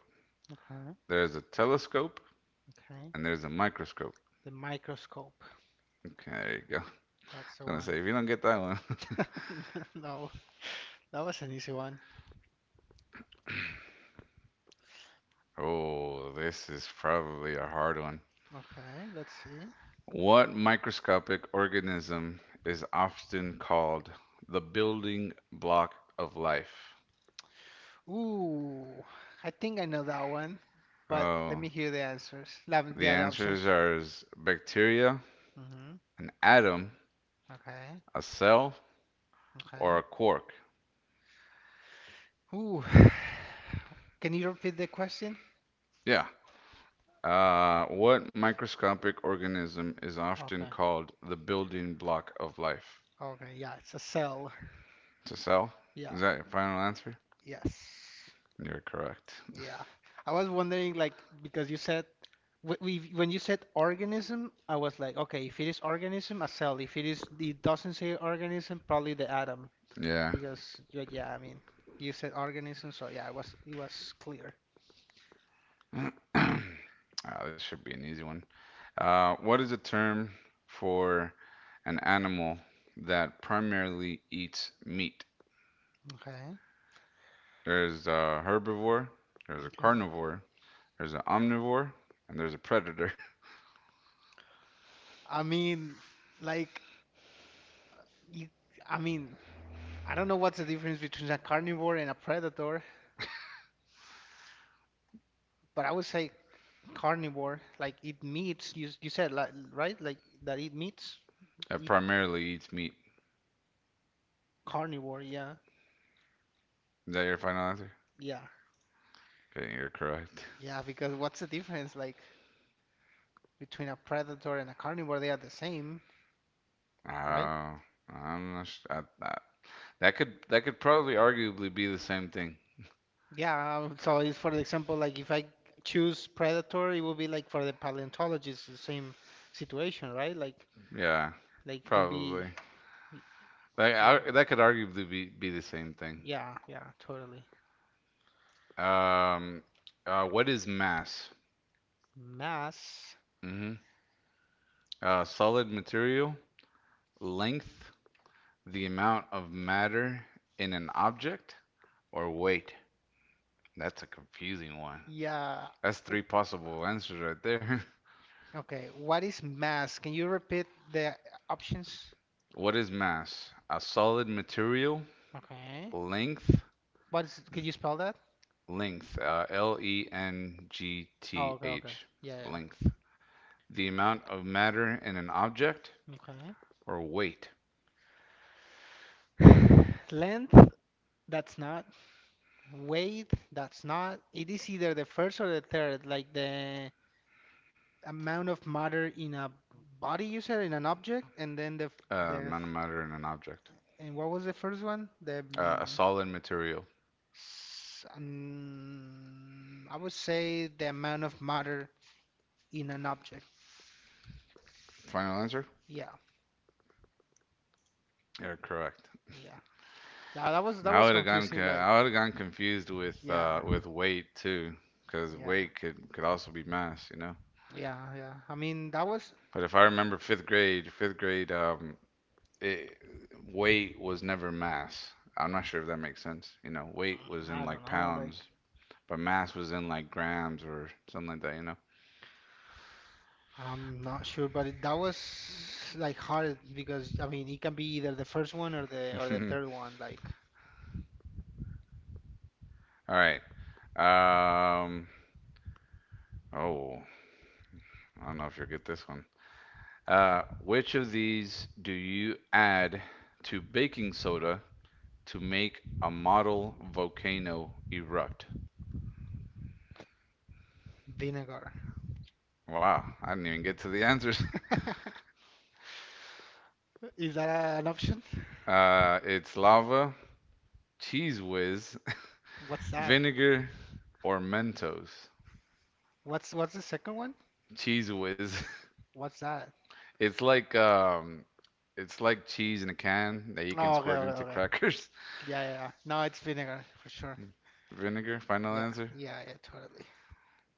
Speaker 1: Okay.
Speaker 2: there's a telescope,
Speaker 1: Okay.
Speaker 2: and there's a microscope.
Speaker 1: The microscope.
Speaker 2: Okay, there you go. I was
Speaker 1: That's the
Speaker 2: gonna
Speaker 1: one.
Speaker 2: say if you don't get that one. (laughs)
Speaker 1: (laughs) No, that was an easy one.
Speaker 2: Oh, this is probably a hard one.
Speaker 1: Okay, let's see.
Speaker 2: What microscopic organism is often called the building block of life?
Speaker 1: Ooh, I think I know that one, but let
Speaker 2: Oh,
Speaker 1: me hear the answers. Um,
Speaker 2: the
Speaker 1: yeah, the
Speaker 2: answers
Speaker 1: options.
Speaker 2: are s- bacteria,
Speaker 1: Mm-hmm.
Speaker 2: an atom,
Speaker 1: Okay,
Speaker 2: a cell, or
Speaker 1: okay.
Speaker 2: a quark.
Speaker 1: Ooh, (sighs) can you repeat the question?
Speaker 2: Yeah. Uh, what microscopic organism is often
Speaker 1: Okay,
Speaker 2: called the building block of life?
Speaker 1: okay, yeah, it's a cell.
Speaker 2: It's a cell?
Speaker 1: Yeah,
Speaker 2: Is that your final answer?
Speaker 1: yes,
Speaker 2: You're correct.
Speaker 1: yeah. I was wondering, like, because you said wh- we when you said organism, I was like, okay, if it is organism, a cell. If it is, it doesn't say organism, probably the atom.
Speaker 2: Yeah.
Speaker 1: Because yeah, yeah, I mean, you said organism, so yeah, it was it was clear.
Speaker 2: (clears throat) Ah, this should be an easy one. Uh, what is the term for an animal that primarily eats meat?
Speaker 1: Okay,
Speaker 2: There's a herbivore, there's a
Speaker 1: okay.
Speaker 2: carnivore, there's an omnivore and there's a predator
Speaker 1: I mean, like you, I mean, I don't know what's the difference between a carnivore and a predator, but I would say carnivore, like it meats. You you said like right, like that it meats,
Speaker 2: (laughs) that
Speaker 1: eat
Speaker 2: primarily eats meat.
Speaker 1: carnivore. Yeah,
Speaker 2: Is that your final answer?
Speaker 1: yeah,
Speaker 2: Okay, you're correct. (laughs)
Speaker 1: yeah. Because what's the difference like between a predator and a carnivore? They are the same,
Speaker 2: Oh,
Speaker 1: right?
Speaker 2: uh, I'm not sh- I, I, that could that could probably arguably be the same thing.
Speaker 1: Yeah, um, so it's for example, like if I choose predator, it will be like for the paleontologist, the same situation, right? Like,
Speaker 2: Yeah,
Speaker 1: like it can be,
Speaker 2: probably.
Speaker 1: y-
Speaker 2: That
Speaker 1: yeah,
Speaker 2: I, that could arguably be, be the same thing.
Speaker 1: yeah, yeah, totally.
Speaker 2: Um, uh, what is mass?
Speaker 1: Mass,
Speaker 2: mm hmm Uh, solid material, length, the amount of matter in an object, or weight. That's a confusing one.
Speaker 1: yeah.
Speaker 2: That's three possible answers right there. (laughs)
Speaker 1: Okay, what is mass? Can you repeat the options?
Speaker 2: What is mass? A solid material,
Speaker 1: Okay.
Speaker 2: length,
Speaker 1: What is, can you spell that?
Speaker 2: length, uh, L E N G
Speaker 1: Oh,
Speaker 2: T
Speaker 1: okay, okay.
Speaker 2: H,
Speaker 1: Yeah,
Speaker 2: length. The amount of matter in an object, or weight,
Speaker 1: yeah. Okay. (sighs) Length, that's not. Weight, that's not. It is either the first or the third, like the amount of matter in a body, you said in an object, and then the f-
Speaker 2: uh,
Speaker 1: the
Speaker 2: amount of
Speaker 1: f-
Speaker 2: matter in an object.
Speaker 1: and what was the first one, the
Speaker 2: Uh, a
Speaker 1: mm,
Speaker 2: solid material.
Speaker 1: s- um, I would say the amount of matter in an object.
Speaker 2: Final answer?
Speaker 1: Yeah,
Speaker 2: Yeah, correct.
Speaker 1: yeah, yeah, that was that
Speaker 2: I
Speaker 1: was
Speaker 2: would have gone.
Speaker 1: confusing, like.
Speaker 2: I would have gone confused with
Speaker 1: Yeah,
Speaker 2: uh, with weight too, because
Speaker 1: yeah,
Speaker 2: weight could could also be mass, you know.
Speaker 1: yeah, yeah, I mean that was
Speaker 2: But if I remember fifth grade, fifth grade, um, it, weight was never mass. I'm not sure if that makes sense. You know, weight was in
Speaker 1: I don't
Speaker 2: like
Speaker 1: know, like,
Speaker 2: pounds, but mass was in like grams or something like that,
Speaker 1: I'm not sure, but it, that was like hard because I mean it can be either the first one or the or
Speaker 2: you
Speaker 1: the
Speaker 2: know?
Speaker 1: third one, like,
Speaker 2: (laughs) All right. Um, oh, I don't know if you'll get this one. Uh, which of these do you add to baking soda to make a model volcano erupt?
Speaker 1: vinegar.
Speaker 2: Wow, I didn't even get to the (laughs) answers.
Speaker 1: (laughs) Is that uh, an option?
Speaker 2: Uh, it's lava, Cheese Whiz,
Speaker 1: What's that?
Speaker 2: vinegar or Mentos?
Speaker 1: What's what's the second one?
Speaker 2: Cheese Whiz. (laughs)
Speaker 1: What's that?
Speaker 2: It's like um it's like cheese in a can that you can
Speaker 1: Oh, okay,
Speaker 2: squirt
Speaker 1: okay,
Speaker 2: into
Speaker 1: okay.
Speaker 2: crackers.
Speaker 1: Yeah, yeah, yeah. No, it's vinegar for sure.
Speaker 2: (laughs) Vinegar, final
Speaker 1: Yeah,
Speaker 2: answer?
Speaker 1: yeah, yeah, totally.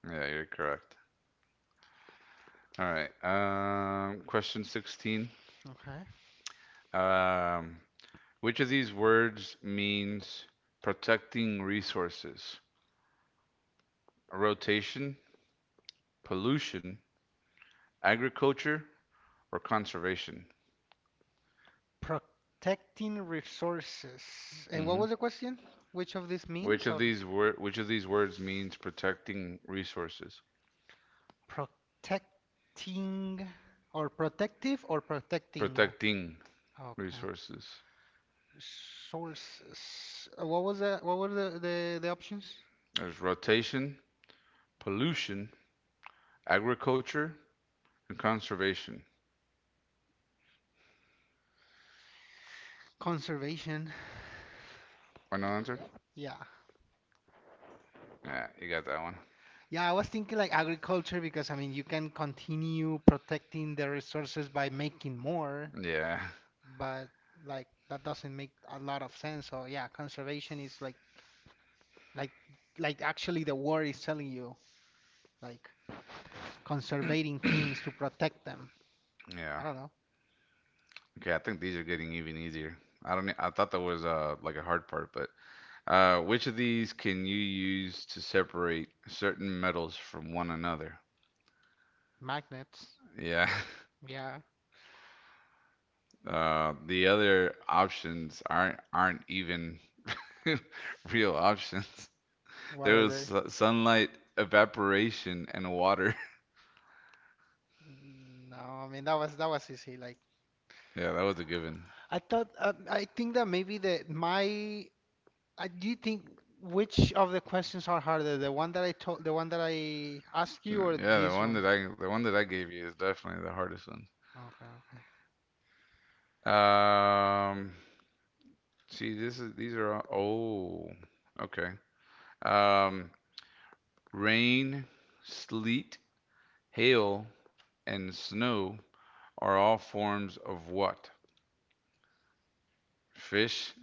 Speaker 2: Yeah, you're correct. All right. Um question sixteen.
Speaker 1: Okay.
Speaker 2: Um which of these words means protecting resources? Rotation, pollution, agriculture, or conservation?
Speaker 1: Protecting resources. And what
Speaker 2: Mm-hmm.
Speaker 1: was the question? Which of these
Speaker 2: Which
Speaker 1: means
Speaker 2: of
Speaker 1: or
Speaker 2: these word which of these words means protecting resources?
Speaker 1: protecting or protective or protecting?
Speaker 2: Protecting
Speaker 1: Okay.
Speaker 2: resources.
Speaker 1: Resources. Uh, What was the what were the the, the options?
Speaker 2: There's rotation, pollution, agriculture, and conservation.
Speaker 1: Conservation.
Speaker 2: Final answer?
Speaker 1: Yeah.
Speaker 2: Yeah, you got that one.
Speaker 1: Yeah, I was thinking like agriculture because I mean you can continue protecting the resources by making more,
Speaker 2: Yeah,
Speaker 1: but like that doesn't make a lot of sense. So yeah, conservation is like like like actually the word is telling you like conserving things to protect them. I
Speaker 2: yeah.
Speaker 1: don't know.
Speaker 2: Okay, I think these are getting even easier. I don't. e- I thought that was uh like a hard part, but uh, which of these can you use to separate certain metals from one another?
Speaker 1: Magnets.
Speaker 2: Yeah. (laughs)
Speaker 1: Yeah.
Speaker 2: Uh, the other options aren't aren't even (laughs) real options.
Speaker 1: What
Speaker 2: There
Speaker 1: are
Speaker 2: was
Speaker 1: they?
Speaker 2: su- sunlight, evaporation, and water. (laughs)
Speaker 1: Mm, no, I mean that was that was easy. Like
Speaker 2: Yeah, that was a given.
Speaker 1: I thought uh, I think that maybe the my I do think which of the questions are harder, the one that I told, the one that I asked you,
Speaker 2: Yeah,
Speaker 1: or
Speaker 2: yeah, the
Speaker 1: this
Speaker 2: one
Speaker 1: one?
Speaker 2: that I the one that I gave you is definitely the hardest
Speaker 1: Okay, okay.
Speaker 2: one. Um, see, this is these are all, oh, okay. Um, rain, sleet, hail, and snow are all forms of what? Fish,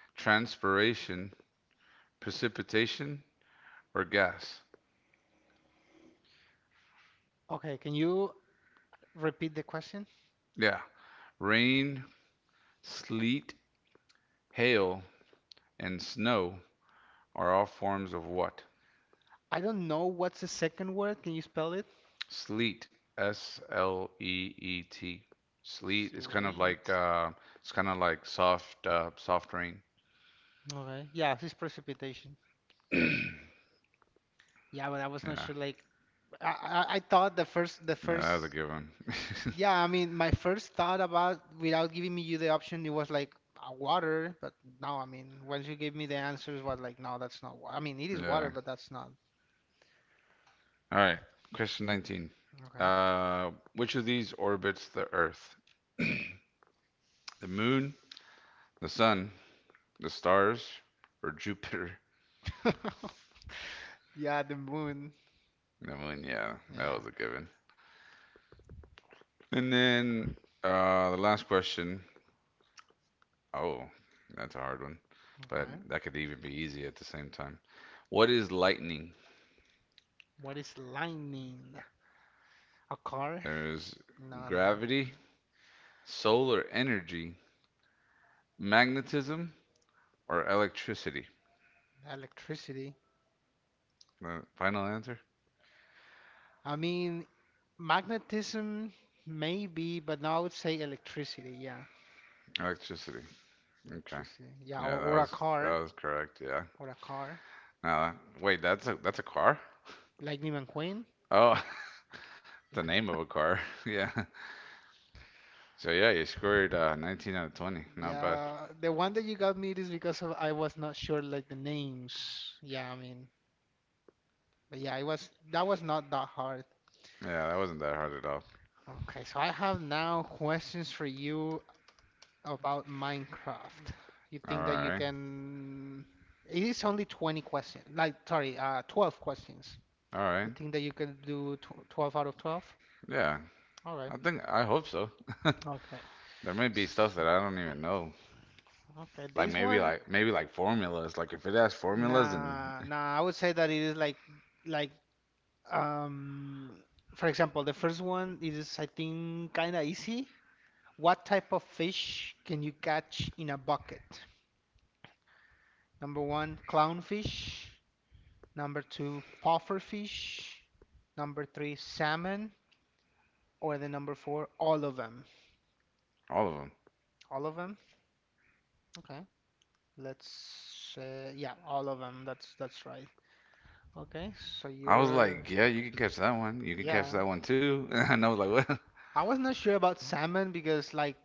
Speaker 2: (laughs) transpiration, precipitation or gas.
Speaker 1: Okay, can you repeat the question?
Speaker 2: Yeah. Rain, sleet, hail, and snow are all forms of what?
Speaker 1: I don't know what's the second word. Can you spell it?
Speaker 2: Sleet. S L E E T. Sleet is kind of like
Speaker 1: Sleet.
Speaker 2: uh, it's kind of like soft, uh, soft rain.
Speaker 1: Okay. Yeah, this precipitation.
Speaker 2: (clears throat) Yeah.
Speaker 1: Yeah, but I was not
Speaker 2: Yeah,
Speaker 1: sure. Like, I, I, I thought the first, the first.
Speaker 2: that was a good one. (laughs)
Speaker 1: Yeah, I mean, my first thought about without giving me you the option, it was like uh, water. But now, I mean, once you gave me the answers, was like, no, that's not. wa- I mean, it is water,
Speaker 2: Yeah.
Speaker 1: but that's not.
Speaker 2: All right. Question nineteen.
Speaker 1: Okay.
Speaker 2: Uh, which of these orbits the Earth? (clears throat) The moon, the sun, the stars, or Jupiter?
Speaker 1: (laughs) Yeah, the moon.
Speaker 2: I mean, yeah, that
Speaker 1: Yeah,
Speaker 2: was a given. And then uh, the last question. Oh, that's a hard one, but
Speaker 1: okay.
Speaker 2: that could even be easy at the same time. What is lightning?
Speaker 1: What is lightning? A car?
Speaker 2: There's
Speaker 1: No, no.
Speaker 2: gravity, solar energy, magnetism, or electricity.
Speaker 1: Electricity.
Speaker 2: The final answer?
Speaker 1: I mean, magnetism, maybe, but no, I would say electricity. Yeah,
Speaker 2: Electricity. Okay.
Speaker 1: electricity. Yeah,
Speaker 2: Yeah,
Speaker 1: or,
Speaker 2: that
Speaker 1: or a
Speaker 2: was that
Speaker 1: car.
Speaker 2: was correct. Yeah.
Speaker 1: Or a car.
Speaker 2: Now, wait, that's a that's a car?
Speaker 1: Lightning McQueen.
Speaker 2: Oh, (laughs) the name of a car. (laughs) Yeah. So yeah, you scored uh, nineteen out of twenty. Not bad.
Speaker 1: Yeah, the one that you got me is because of I was not sure like the names. Yeah, I mean, but yeah, it was, that was not that hard.
Speaker 2: Yeah, that wasn't that hard at all.
Speaker 1: Okay, so I have now questions for you about Minecraft. You
Speaker 2: All
Speaker 1: think that you
Speaker 2: right.
Speaker 1: can? It is only twenty questions. Like, sorry, uh, twelve questions.
Speaker 2: All
Speaker 1: You
Speaker 2: right.
Speaker 1: think that you can do tw twelve out of twelve?
Speaker 2: Yeah.
Speaker 1: All
Speaker 2: I
Speaker 1: right.
Speaker 2: think I hope so.
Speaker 1: Okay.
Speaker 2: (laughs) There may be stuff
Speaker 1: S-
Speaker 2: that I don't even know.
Speaker 1: Okay,
Speaker 2: Like
Speaker 1: this
Speaker 2: maybe
Speaker 1: one,
Speaker 2: like maybe like formulas. Like if it has formulas and
Speaker 1: nah, nah. I would say that it is like, like, um, for example, the first one is, I think, kind of easy. What type of fish can you catch in a bucket? Number one, clownfish. Number two, pufferfish. Number three, salmon. Or the number four, all of them.
Speaker 2: all of them.
Speaker 1: All of them? Okay. Let's uh, yeah, all of them. That's that's right. Okay. So
Speaker 2: I was
Speaker 1: you're,
Speaker 2: like, yeah, you can catch that one. You can catch
Speaker 1: yeah.
Speaker 2: that one too. (laughs) And I was like, what? (laughs)
Speaker 1: I was not sure about salmon because like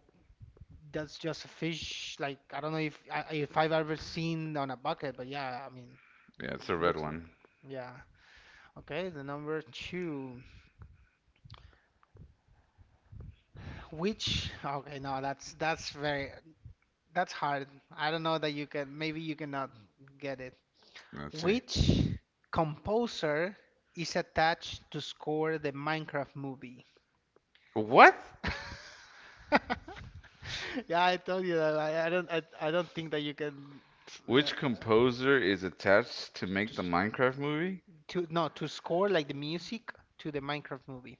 Speaker 1: that's just a fish. Like I don't know if I- if I've ever seen on a bucket, but yeah, I mean,
Speaker 2: Yeah, it's a
Speaker 1: it
Speaker 2: red
Speaker 1: looks like,
Speaker 2: one.
Speaker 1: yeah. Okay, the number two. Which, okay, no, that's that's very. That's hard. I don't know that you can, maybe you cannot get it.
Speaker 2: Let's see.
Speaker 1: Which composer is attached to score the Minecraft movie?
Speaker 2: What?
Speaker 1: (laughs) Yeah, I told you that. I, I don't, I, I don't think that you can uh,
Speaker 2: Which
Speaker 1: uh,
Speaker 2: composer is attached to make the
Speaker 1: just
Speaker 2: Minecraft movie?
Speaker 1: to, no, to score like the music to the Minecraft movie.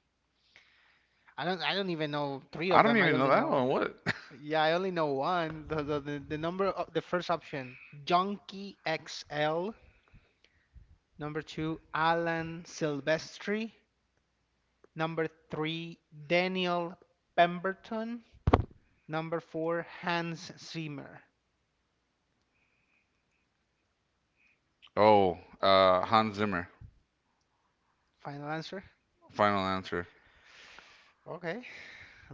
Speaker 1: I don't, I don't even know three
Speaker 2: I
Speaker 1: of
Speaker 2: don't
Speaker 1: them. I
Speaker 2: even know
Speaker 1: only
Speaker 2: that
Speaker 1: know,
Speaker 2: one. What?
Speaker 1: yeah, I only know one. The the, the, the number of the first option, Junkie X L. Number two, Alan Silvestri. Number three, Daniel Pemberton. Number four, Hans Zimmer.
Speaker 2: (laughs) Oh, uh, Hans Zimmer.
Speaker 1: Final answer.
Speaker 2: Final answer.
Speaker 1: Okay.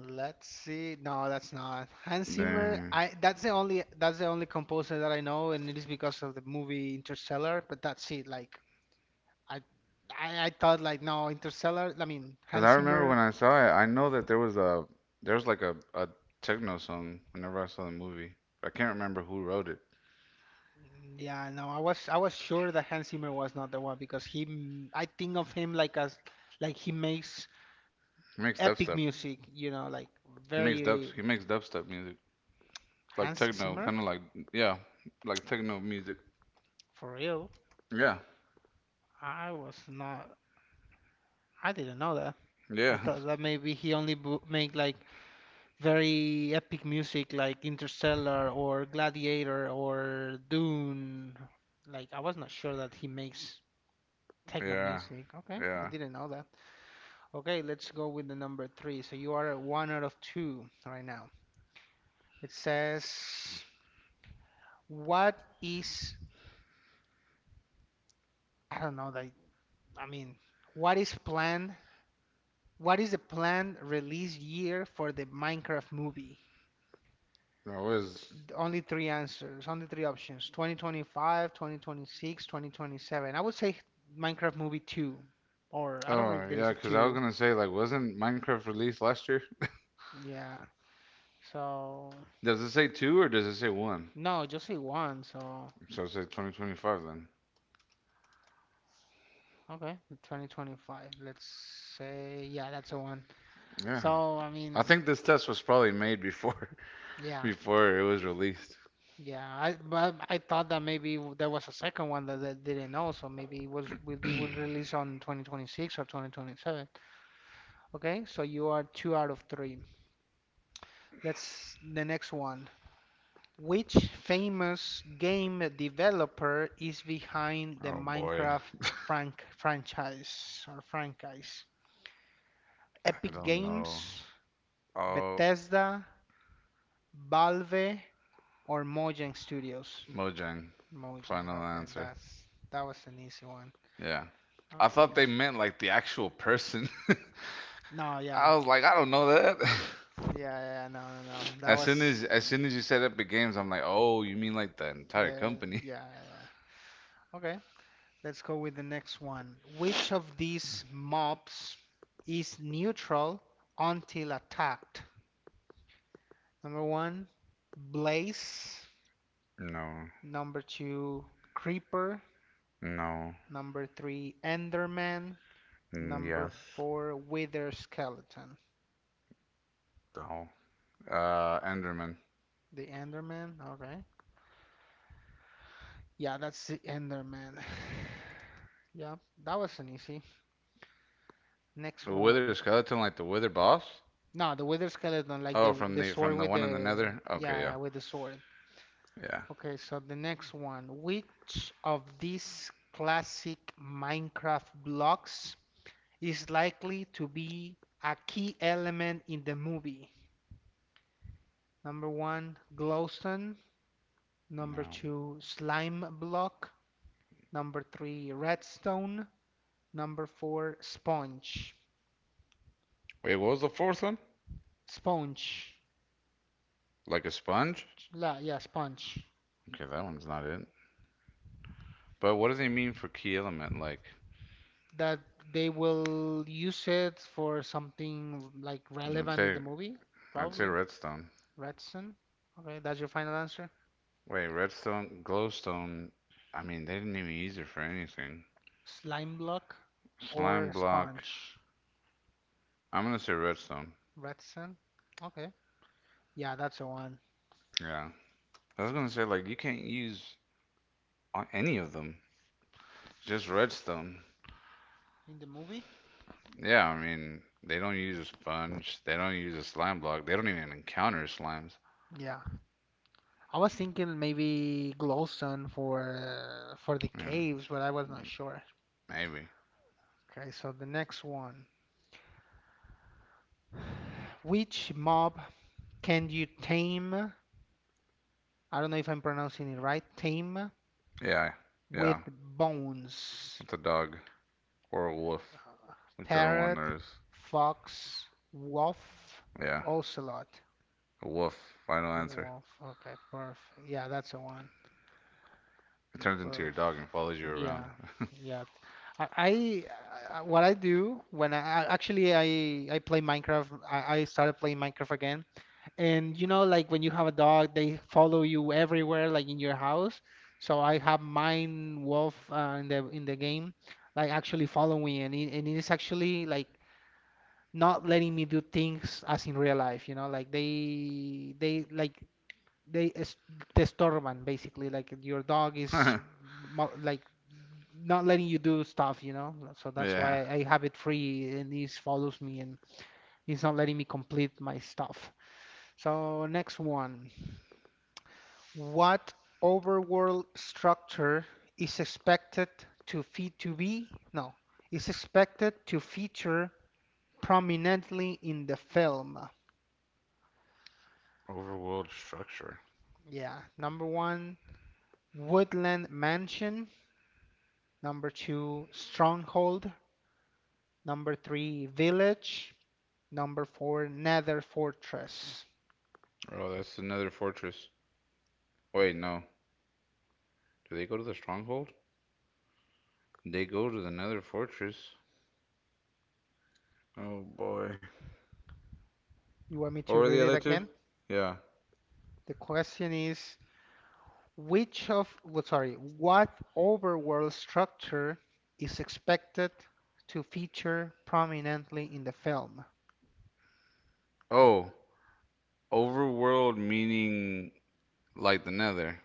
Speaker 1: Let's see. No, that's not Hans Zimmer.
Speaker 2: Dang.
Speaker 1: I That's the only that's the only composer that I know, and it is because of the movie Interstellar. But that's it. Like I, I, I thought like, no, Interstellar, I mean
Speaker 2: Cause
Speaker 1: Hans
Speaker 2: I remember
Speaker 1: Zimmer.
Speaker 2: when I saw it, I know that there was a there was like a, a techno song whenever I saw the movie. I can't remember who wrote it.
Speaker 1: Yeah, no, I was I was sure that Hans Zimmer was not the one because he m- I think of him like as, like he makes
Speaker 2: He makes
Speaker 1: epic
Speaker 2: dubstep.
Speaker 1: music, you know, like,
Speaker 2: He makes dubs.
Speaker 1: very
Speaker 2: He makes dubstep music, like
Speaker 1: Hans
Speaker 2: techno,
Speaker 1: Zimmer
Speaker 2: kind of like, yeah, like techno music.
Speaker 1: for real.
Speaker 2: Yeah,
Speaker 1: I was not I didn't know that. I
Speaker 2: yeah,
Speaker 1: thought that maybe he only bu- make like very epic music like Interstellar or Gladiator or Dune. Like I was not sure that he makes
Speaker 2: (laughs)
Speaker 1: techno
Speaker 2: yeah,
Speaker 1: music. Okay, I
Speaker 2: yeah.
Speaker 1: didn't know that. Okay, let's go with the number three. So you are at one out of two right now. It says, what is, I don't know, that, I mean, what is planned? What is the planned release year for the Minecraft movie?
Speaker 2: No, it was.
Speaker 1: Only three answers, only three options: twenty twenty-five, twenty twenty-six, twenty twenty-seven. I would say Minecraft movie two, or I don't know if
Speaker 2: Oh
Speaker 1: there is
Speaker 2: yeah,
Speaker 1: a
Speaker 2: cause I was
Speaker 1: two.
Speaker 2: gonna say like, wasn't Minecraft released last year?
Speaker 1: Yeah, so
Speaker 2: Does it say two or does it say one?
Speaker 1: no, just say one. So
Speaker 2: So it say twenty twenty-five then.
Speaker 1: Okay, twenty twenty-five. Let's say, yeah, that's the one.
Speaker 2: Yeah.
Speaker 1: So, I
Speaker 2: I
Speaker 1: mean,
Speaker 2: think this test was probably made before (laughs)
Speaker 1: yeah,
Speaker 2: before it was released.
Speaker 1: yeah. I but I thought that maybe w- there was a second one that I didn't know, so maybe it was will be will release on twenty twenty-six or twenty twenty-seven. Okay, so you are two out of three. Let's the next one. Which famous game developer is behind the
Speaker 2: Oh boy,
Speaker 1: Minecraft frank franchise or franchise?
Speaker 2: I
Speaker 1: Epic
Speaker 2: don't know.
Speaker 1: Games,
Speaker 2: Oh,
Speaker 1: Bethesda, Valve, Or Mojang Studios.
Speaker 2: Mojang.
Speaker 1: Mojang.
Speaker 2: Final
Speaker 1: Okay,
Speaker 2: answer.
Speaker 1: that's that was an easy one.
Speaker 2: Yeah. I thought
Speaker 1: Okay.
Speaker 2: they meant like the actual person.
Speaker 1: No,
Speaker 2: (laughs) I
Speaker 1: yeah.
Speaker 2: was like, I don't know that. (laughs)
Speaker 1: Yeah, yeah, no, no, no. That
Speaker 2: As
Speaker 1: was
Speaker 2: soon as as soon as you said Epic Games, I'm like, oh, you mean like the entire
Speaker 1: the,
Speaker 2: company?
Speaker 1: yeah, yeah. Okay. Let's go with the next one. Which of these mobs is neutral until attacked? Number one, Blaze.
Speaker 2: (laughs) No,
Speaker 1: Number two, Creeper.
Speaker 2: no,
Speaker 1: Number three, Enderman.
Speaker 2: mm,
Speaker 1: Number
Speaker 2: yes,
Speaker 1: four, Wither Skeleton.
Speaker 2: no. Uh, Enderman.
Speaker 1: The Enderman, okay. Yeah, that's the Enderman. (sighs) Yeah, that wasn't easy. Next
Speaker 2: The Wither
Speaker 1: one.
Speaker 2: Skeleton, like the Wither boss?
Speaker 1: No, the Wither Skeleton, like the
Speaker 2: Oh, from
Speaker 1: the
Speaker 2: the
Speaker 1: sword
Speaker 2: from the
Speaker 1: with
Speaker 2: one in the
Speaker 1: the,
Speaker 2: Nether. Okay,
Speaker 1: yeah, yeah,
Speaker 2: yeah,
Speaker 1: with the sword.
Speaker 2: yeah.
Speaker 1: Okay, so the next one. Which of these classic Minecraft blocks is likely to be a key element in the movie? Number one, glowstone. Number
Speaker 2: No.
Speaker 1: two, slime block. Number three, redstone. Number four, sponge.
Speaker 2: Wait, what was the fourth one?
Speaker 1: Sponge,
Speaker 2: Like a sponge?
Speaker 1: la yeah, sponge.
Speaker 2: Okay, that one's not it. But what does he mean for key element? Like,
Speaker 1: That, they will use it for something like
Speaker 2: I'd
Speaker 1: relevant
Speaker 2: say,
Speaker 1: in the movie.
Speaker 2: I'd say
Speaker 1: Probably
Speaker 2: redstone.
Speaker 1: redstone. Okay, that's your final answer.
Speaker 2: Wait, redstone, glowstone. I mean, they didn't even use it for anything.
Speaker 1: Slime block
Speaker 2: Slime
Speaker 1: or
Speaker 2: block.
Speaker 1: sponge.
Speaker 2: I'm gonna say redstone.
Speaker 1: Redstone. Okay, yeah, that's the one
Speaker 2: Yeah, I was gonna say like you can't use any of them. Just redstone.
Speaker 1: in the movie.
Speaker 2: Yeah, I mean, they don't use a sponge. They don't use a slime block. They don't even encounter slimes.
Speaker 1: Yeah, I was thinking maybe glowstone for for the
Speaker 2: Yeah,
Speaker 1: caves, but I was not sure.
Speaker 2: maybe.
Speaker 1: Okay, so the next one. Which mob can you tame, I don't know if I'm pronouncing it right, tame,
Speaker 2: Yeah, yeah.
Speaker 1: with bones?
Speaker 2: It's a dog or a wolf, whichever one
Speaker 1: Parrot,
Speaker 2: there is.
Speaker 1: fox, wolf,
Speaker 2: Yeah.
Speaker 1: ocelot.
Speaker 2: A wolf. Final answer.
Speaker 1: Wolf. Okay, perfect. Yeah, that's the one.
Speaker 2: It turns into your
Speaker 1: Perfect.
Speaker 2: dog and follows you
Speaker 1: Yeah,
Speaker 2: around.
Speaker 1: yeah. I, I What I do when I I- actually I I play Minecraft. I, I started playing Minecraft again. And you know, like when you have a dog, they follow you everywhere, like in your house. So I have mine wolf uh, in the in the game, like actually following, and it, and it is actually like not letting me do things as in real life. You know, like they they like they es- te estorban basically. Like your dog is
Speaker 2: (laughs)
Speaker 1: mo- like not letting you do stuff. You know, so that's
Speaker 2: Yeah.
Speaker 1: why I have it free, and it follows me, and it's not letting me complete my stuff. So next one. What overworld structure is expected to feed to be no is expected to feature prominently in the film?
Speaker 2: Overworld structure.
Speaker 1: Yeah, number one, Woodland Mansion. Number two, Stronghold. Number three, Village. Number four, Nether Fortress.
Speaker 2: Oh, that's another fortress. Wait, no. Do they go to the stronghold? They go to the nether fortress. Oh boy.
Speaker 1: You want me
Speaker 2: What
Speaker 1: to
Speaker 2: were the
Speaker 1: read it
Speaker 2: other two?
Speaker 1: again?
Speaker 2: Yeah.
Speaker 1: The question is: Which of, well, sorry, what overworld structure is expected to feature prominently in the film?
Speaker 2: Oh, overworld meaning like the nether.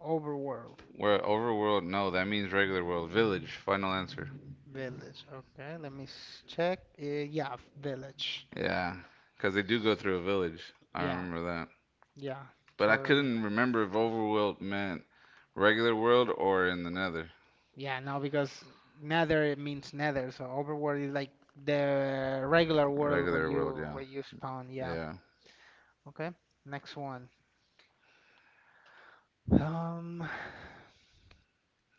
Speaker 1: Overworld.
Speaker 2: Where overworld, no, that means regular world. Village, final answer.
Speaker 1: Village. Okay, let me s- check. Uh, yeah, village.
Speaker 2: Yeah. Because they do go through a village. I
Speaker 1: Yeah,
Speaker 2: remember that.
Speaker 1: yeah,
Speaker 2: But I
Speaker 1: totally.
Speaker 2: couldn't remember if overworld meant regular world or in the nether.
Speaker 1: Yeah, no, because nether it means nether, so overworld is like the regular world where
Speaker 2: Regular world,
Speaker 1: you
Speaker 2: yeah.
Speaker 1: where you spawn. Yeah.
Speaker 2: Yeah.
Speaker 1: Okay. Next one. Um,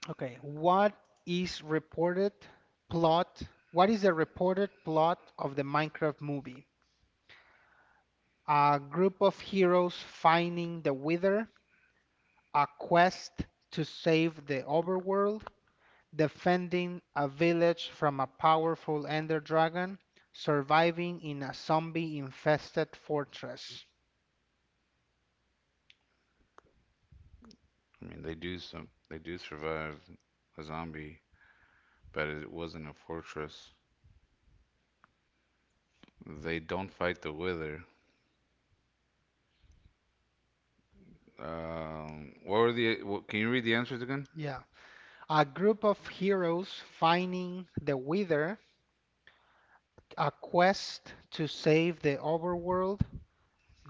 Speaker 1: Okay, what is reported plot? What is the reported plot of the Minecraft movie? A group of heroes finding the Wither, a quest to save the overworld, defending a village from a powerful Ender Dragon, surviving in a zombie-infested fortress.
Speaker 2: I mean they do some they do survive a zombie, but it wasn't a fortress. They don't fight the wither. Um what were the what, can you read the answers again?
Speaker 1: Yeah. A group of heroes finding the Wither, a quest to save the overworld,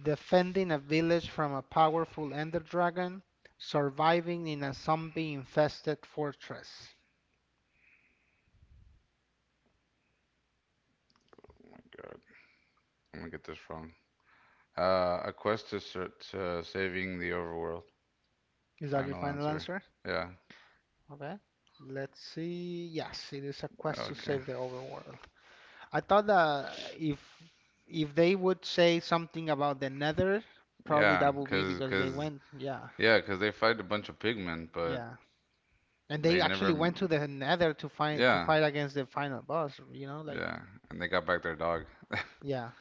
Speaker 1: defending a village from a powerful Ender Dragon, surviving in a zombie infested fortress.
Speaker 2: Oh my god. I'm gonna get this wrong. Uh a quest to, ser- to saving the overworld.
Speaker 1: Is that your
Speaker 2: Final
Speaker 1: final
Speaker 2: answer.
Speaker 1: answer?
Speaker 2: Yeah.
Speaker 1: Okay. Let's see. Yes, it is a quest to
Speaker 2: Okay.
Speaker 1: save the overworld. I thought that if if they would say something about the Nether, probably
Speaker 2: Yeah,
Speaker 1: that would be
Speaker 2: cuz
Speaker 1: because they
Speaker 2: cuz
Speaker 1: went. Yeah,
Speaker 2: yeah, cuz they fight a bunch of pigmen, but
Speaker 1: yeah. And they
Speaker 2: they
Speaker 1: actually
Speaker 2: never.
Speaker 1: went to the Nether to fight to
Speaker 2: Yeah,
Speaker 1: fight against the final boss, you know, like,
Speaker 2: yeah. And they got back their dog.
Speaker 1: yeah.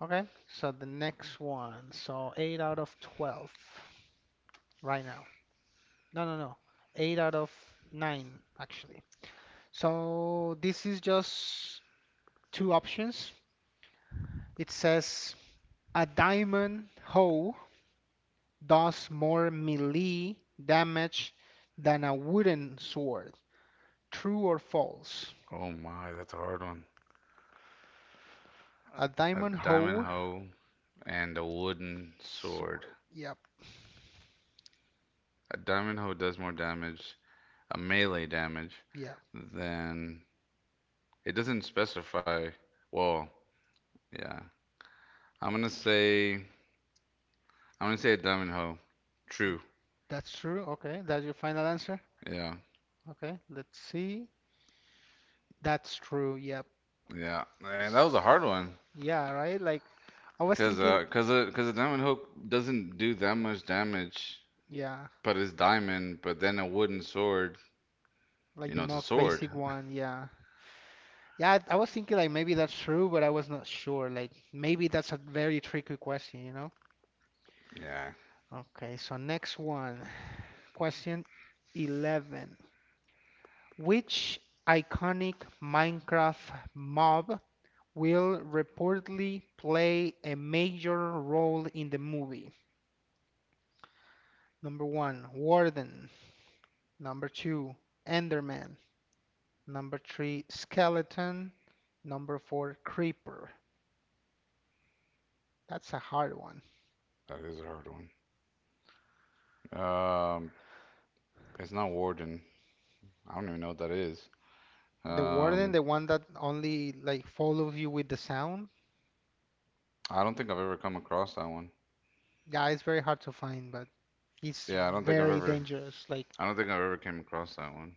Speaker 1: Okay, so the next one. So eight out of twelve right now. No, no, no. eight out of nine, actually. So this is just two options. It says a diamond hoe does more melee damage than a wooden sword. True or false?
Speaker 2: Oh my, that's a hard one.
Speaker 1: A
Speaker 2: A
Speaker 1: diamond
Speaker 2: diamond
Speaker 1: hoe,
Speaker 2: hoe and a wooden sword.
Speaker 1: sword. Yep,
Speaker 2: A diamond hoe does more damage, a melee damage,
Speaker 1: yep.
Speaker 2: than it doesn't specify. Well, yeah. I'm gonna say I'm gonna say a diamond hoe. True.
Speaker 1: That's true. Okay, that's your final answer.
Speaker 2: Yeah.
Speaker 1: Okay, let's see. That's true. Yep.
Speaker 2: Yeah. Man, that was a hard one.
Speaker 1: Yeah, right? Like I was
Speaker 2: Cause
Speaker 1: thinking,
Speaker 2: uh, cause a, cause a diamond hoe doesn't do that much damage,
Speaker 1: yeah,
Speaker 2: but it's diamond, but then a wooden sword.
Speaker 1: like
Speaker 2: You
Speaker 1: the
Speaker 2: know, it's a
Speaker 1: most
Speaker 2: sword.
Speaker 1: basic
Speaker 2: (laughs)
Speaker 1: one, yeah. Yeah, I, I was thinking like maybe that's true, but I was not sure. Like maybe that's a very tricky question, you know?
Speaker 2: Yeah,
Speaker 1: Okay, so next one. (sighs) Question eleven. Which iconic Minecraft mob will reportedly play a major role in the movie? Number one, Warden. Number two, Enderman. Number three, skeleton. Number four, creeper. That's a hard one.
Speaker 2: that is a hard one. Um, it's not warden. I don't even know what that is.
Speaker 1: The warden,
Speaker 2: Um,
Speaker 1: the one that only like follows you with the sound.
Speaker 2: I don't think I've ever come across that one.
Speaker 1: Yeah, it's very hard to find, but it's
Speaker 2: Yeah, I don't think I've
Speaker 1: very
Speaker 2: ever.
Speaker 1: dangerous. Like,
Speaker 2: I don't think I've ever came across that one.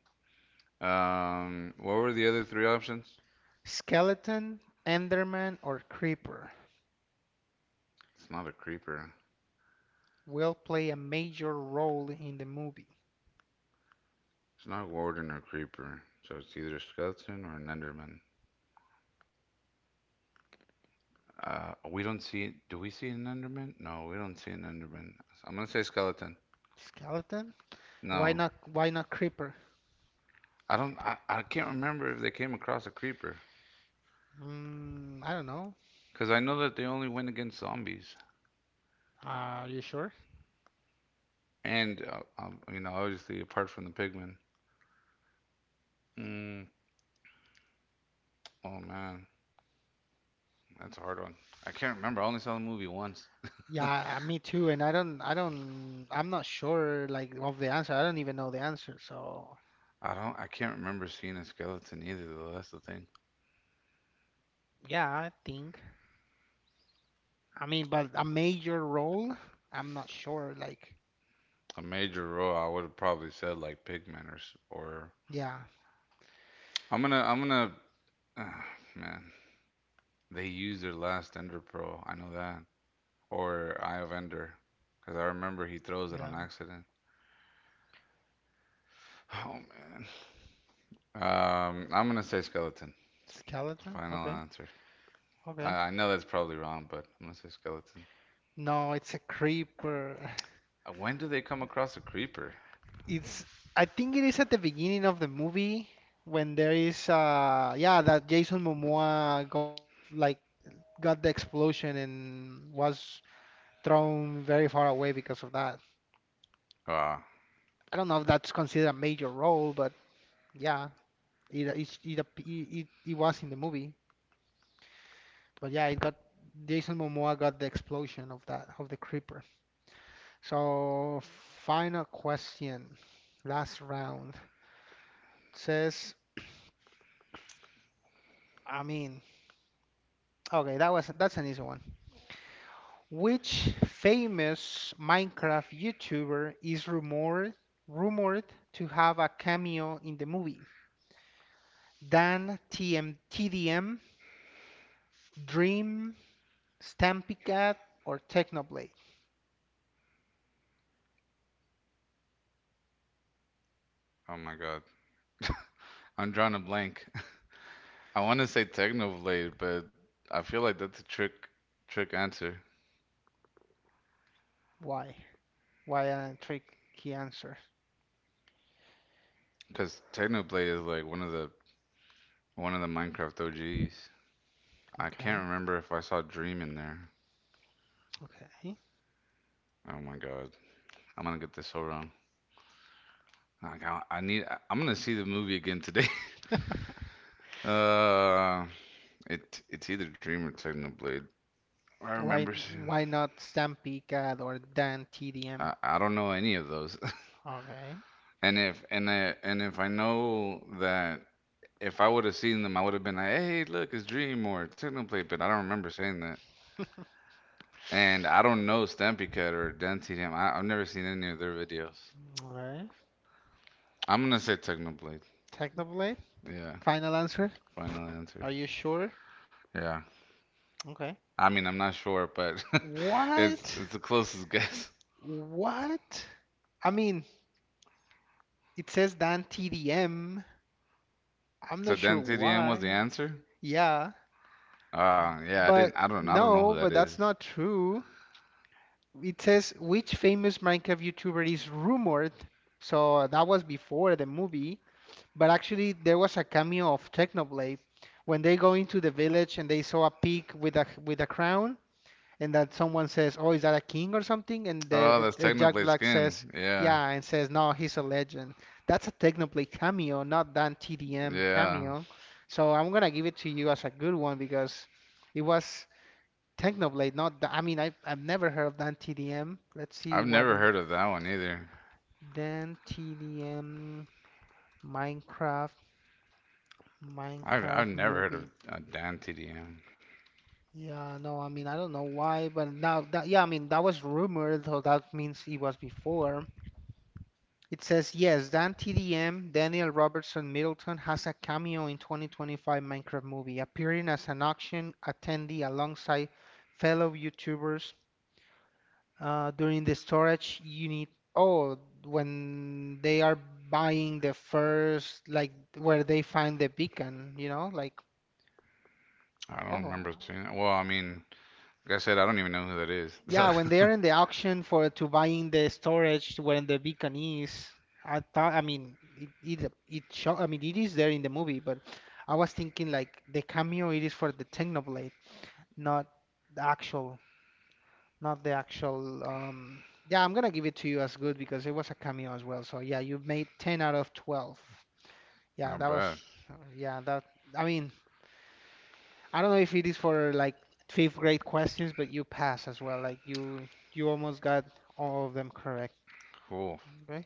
Speaker 2: Um, what were the other three options?
Speaker 1: skeleton, enderman, or creeper
Speaker 2: It's not a creeper.
Speaker 1: will play a major role in the movie.
Speaker 2: It's not a warden or creeper. So it's either a skeleton or an enderman. Uh, we don't see. Do we see an enderman? No, we don't see an enderman. I'm gonna say skeleton.
Speaker 1: Skeleton? Why
Speaker 2: No,
Speaker 1: not? Why not creeper?
Speaker 2: I don't. I, I can't remember if they came across a creeper
Speaker 1: Mm, I don't know.
Speaker 2: because I know that they only went against zombies
Speaker 1: Are you sure?
Speaker 2: and uh, um, you know obviously apart from the pigmen. Mm, oh man, that's a hard one. I can't remember. I only saw the movie once.
Speaker 1: Yeah, I- me too. And I don't, I don't, I'm not sure like of the answer. I don't even know the answer. So
Speaker 2: I don't. I can't remember seeing a skeleton either. Though that's the thing.
Speaker 1: yeah, I think. I mean, but a major role, I'm not sure. Like,
Speaker 2: A major role, I would have probably said like pigmen or s- or.
Speaker 1: yeah,
Speaker 2: I'm gonna. I'm gonna. Ah, man, they used their last Ender Pearl. I know that. Or Eye of Ender, because I remember he throws it on
Speaker 1: yeah.
Speaker 2: accident. (sighs) Oh man. Um, I'm gonna say skeleton.
Speaker 1: Skeleton?
Speaker 2: Final
Speaker 1: Okay,
Speaker 2: answer. Uh,
Speaker 1: okay.
Speaker 2: I know that's probably wrong, but I'm gonna say skeleton.
Speaker 1: No, it's a creeper. (laughs)
Speaker 2: Uh, When do they come across a creeper?
Speaker 1: It's, I think it is at the beginning of the movie when there is, uh, yeah, that Jason Momoa got s- like got the explosion and was thrown very far away because of that.
Speaker 2: Ah,
Speaker 1: I don't know if that's considered a major role, but yeah, it it's- it ap- it, it, it was in the movie. But yeah, it got Jason Momoa got the explosion of that, of the creeper. So final question, last round says, I mean, okay, that was that's an easy one. Which famous Minecraft YouTuber is rumored rumored to have a cameo in the movie? Dan T M T D M, Dream, Stampy Cat, or Technoblade?
Speaker 2: oh my God. I'm drawing a blank. (laughs) I want to say Technoblade, but I feel like that's a trick trick answer
Speaker 1: Why? Why a tricky answer?
Speaker 2: because Technoblade is like one of the one of the Minecraft O Gs. I can't
Speaker 1: Okay,
Speaker 2: remember if I saw Dream in there.
Speaker 1: okay.
Speaker 2: Oh my God. I'm gonna get this so wrong. Like, I, I need. I'm gonna see the movie again today. (laughs) Uh, It it's either Dream or Technoblade. I
Speaker 1: Why
Speaker 2: remember seeing-
Speaker 1: why not Stampy Cat or Dan T D M?
Speaker 2: I, I don't know any of those. (laughs)
Speaker 1: Okay,
Speaker 2: And if and I, and if I know that if I would have seen them, I would have been like, hey, look, it's Dream or Technoblade. But I don't remember saying that. And I don't know Stampy Cat or Dante Dam. I, I've never seen any of their videos.
Speaker 1: alright.
Speaker 2: I'm gonna say Technoblade.
Speaker 1: Technoblade?
Speaker 2: Yeah,
Speaker 1: Final answer?
Speaker 2: final answer.
Speaker 1: Are you sure?
Speaker 2: Yeah.
Speaker 1: Okay.
Speaker 2: I mean, I'm not sure, but (laughs) it's
Speaker 1: What?
Speaker 2: it's the closest (laughs) guess.
Speaker 1: What? I mean, it says Dan T D M. I'm
Speaker 2: So
Speaker 1: not sure
Speaker 2: Dante Dam was the
Speaker 1: why.
Speaker 2: answer.
Speaker 1: Yeah,
Speaker 2: Uh, yeah, I didn't.
Speaker 1: but
Speaker 2: I don't. I don't know who
Speaker 1: no,
Speaker 2: that
Speaker 1: but
Speaker 2: is.
Speaker 1: that's not true. It says which famous Minecraft YouTuber is rumored. So that was before the movie, but actually there was a cameo of Technoblade when they go into the village and they saw a pig with a with a crown, and that someone says, "Oh, is that a king or something?" And
Speaker 2: Oh,
Speaker 1: the
Speaker 2: that's
Speaker 1: uh, Jack
Speaker 2: Technoblade
Speaker 1: Black
Speaker 2: skin.
Speaker 1: says,
Speaker 2: Yeah,
Speaker 1: "Yeah," and says, "No, he's a legend." That's a Technoblade cameo, not that T D M
Speaker 2: yeah.
Speaker 1: cameo. So I'm gonna give it to you as a good one because it was. Technoblade, not the, I mean, I, I've never heard of Dan T D M. Let's see
Speaker 2: I've
Speaker 1: what
Speaker 2: never
Speaker 1: is
Speaker 2: heard of that one either.
Speaker 1: Dan T D M Minecraft.
Speaker 2: I've I've
Speaker 1: Minecraft
Speaker 2: never heard
Speaker 1: movie.
Speaker 2: of a Dan T D M.
Speaker 1: Yeah, no, I mean, I don't know why, but now that, yeah, I mean, that was rumored, so that means it was before. It says, yes, Dan T D M, Daniel Robertson Middleton, has a cameo in twenty twenty-five Minecraft movie, appearing as an auction attendee alongside fellow YouTubers. Uh, during the storage, you need, oh, when they are buying the first, like where they find the beacon, you know, like,
Speaker 2: I don't
Speaker 1: oh,
Speaker 2: remember
Speaker 1: uh,
Speaker 2: seeing it. Well, I mean, like I said, I don't even know who that is. (laughs)
Speaker 1: yeah,
Speaker 2: So,
Speaker 1: when they are in the auction for to buying the storage when the beacon is, I thought, I mean, it it it show, I mean, it is there in the movie, but I was thinking like the cameo it is for the Technoblade, not the actual. Not the actual. Um, yeah, I'm gonna give it to you as good because it was a cameo as well. So yeah, you made ten out of twelve. Yeah,
Speaker 2: not
Speaker 1: that was.
Speaker 2: bad.
Speaker 1: Yeah, that. I mean, I don't know if it is for like fifth grade questions, but you pass as well. Like you, you almost got all of them correct.
Speaker 2: Cool.
Speaker 1: Okay,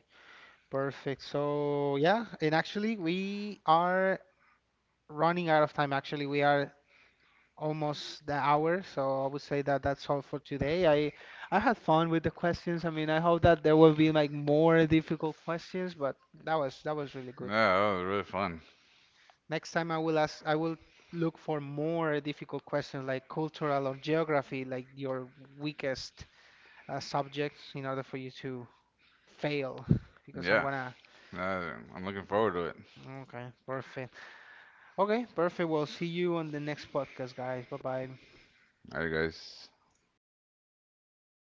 Speaker 1: perfect. So yeah, and actually we are running out of time. Actually, we are almost the hour, so I would say that that's all for today. I I had fun with the questions. I mean, I hope that there will be like more difficult questions, but that was, that was really
Speaker 2: Yeah,
Speaker 1: good.
Speaker 2: that was really fun.
Speaker 1: Next time I will ask, I will look for more difficult questions like cultural or geography, like your weakest uh, subjects, in order for you to fail, because I'm
Speaker 2: Yeah,
Speaker 1: gonna.
Speaker 2: uh, I'm looking forward to it.
Speaker 1: Okay, perfect. Okay, perfect. We'll see you on the next podcast, guys. Bye bye.
Speaker 2: All right, guys.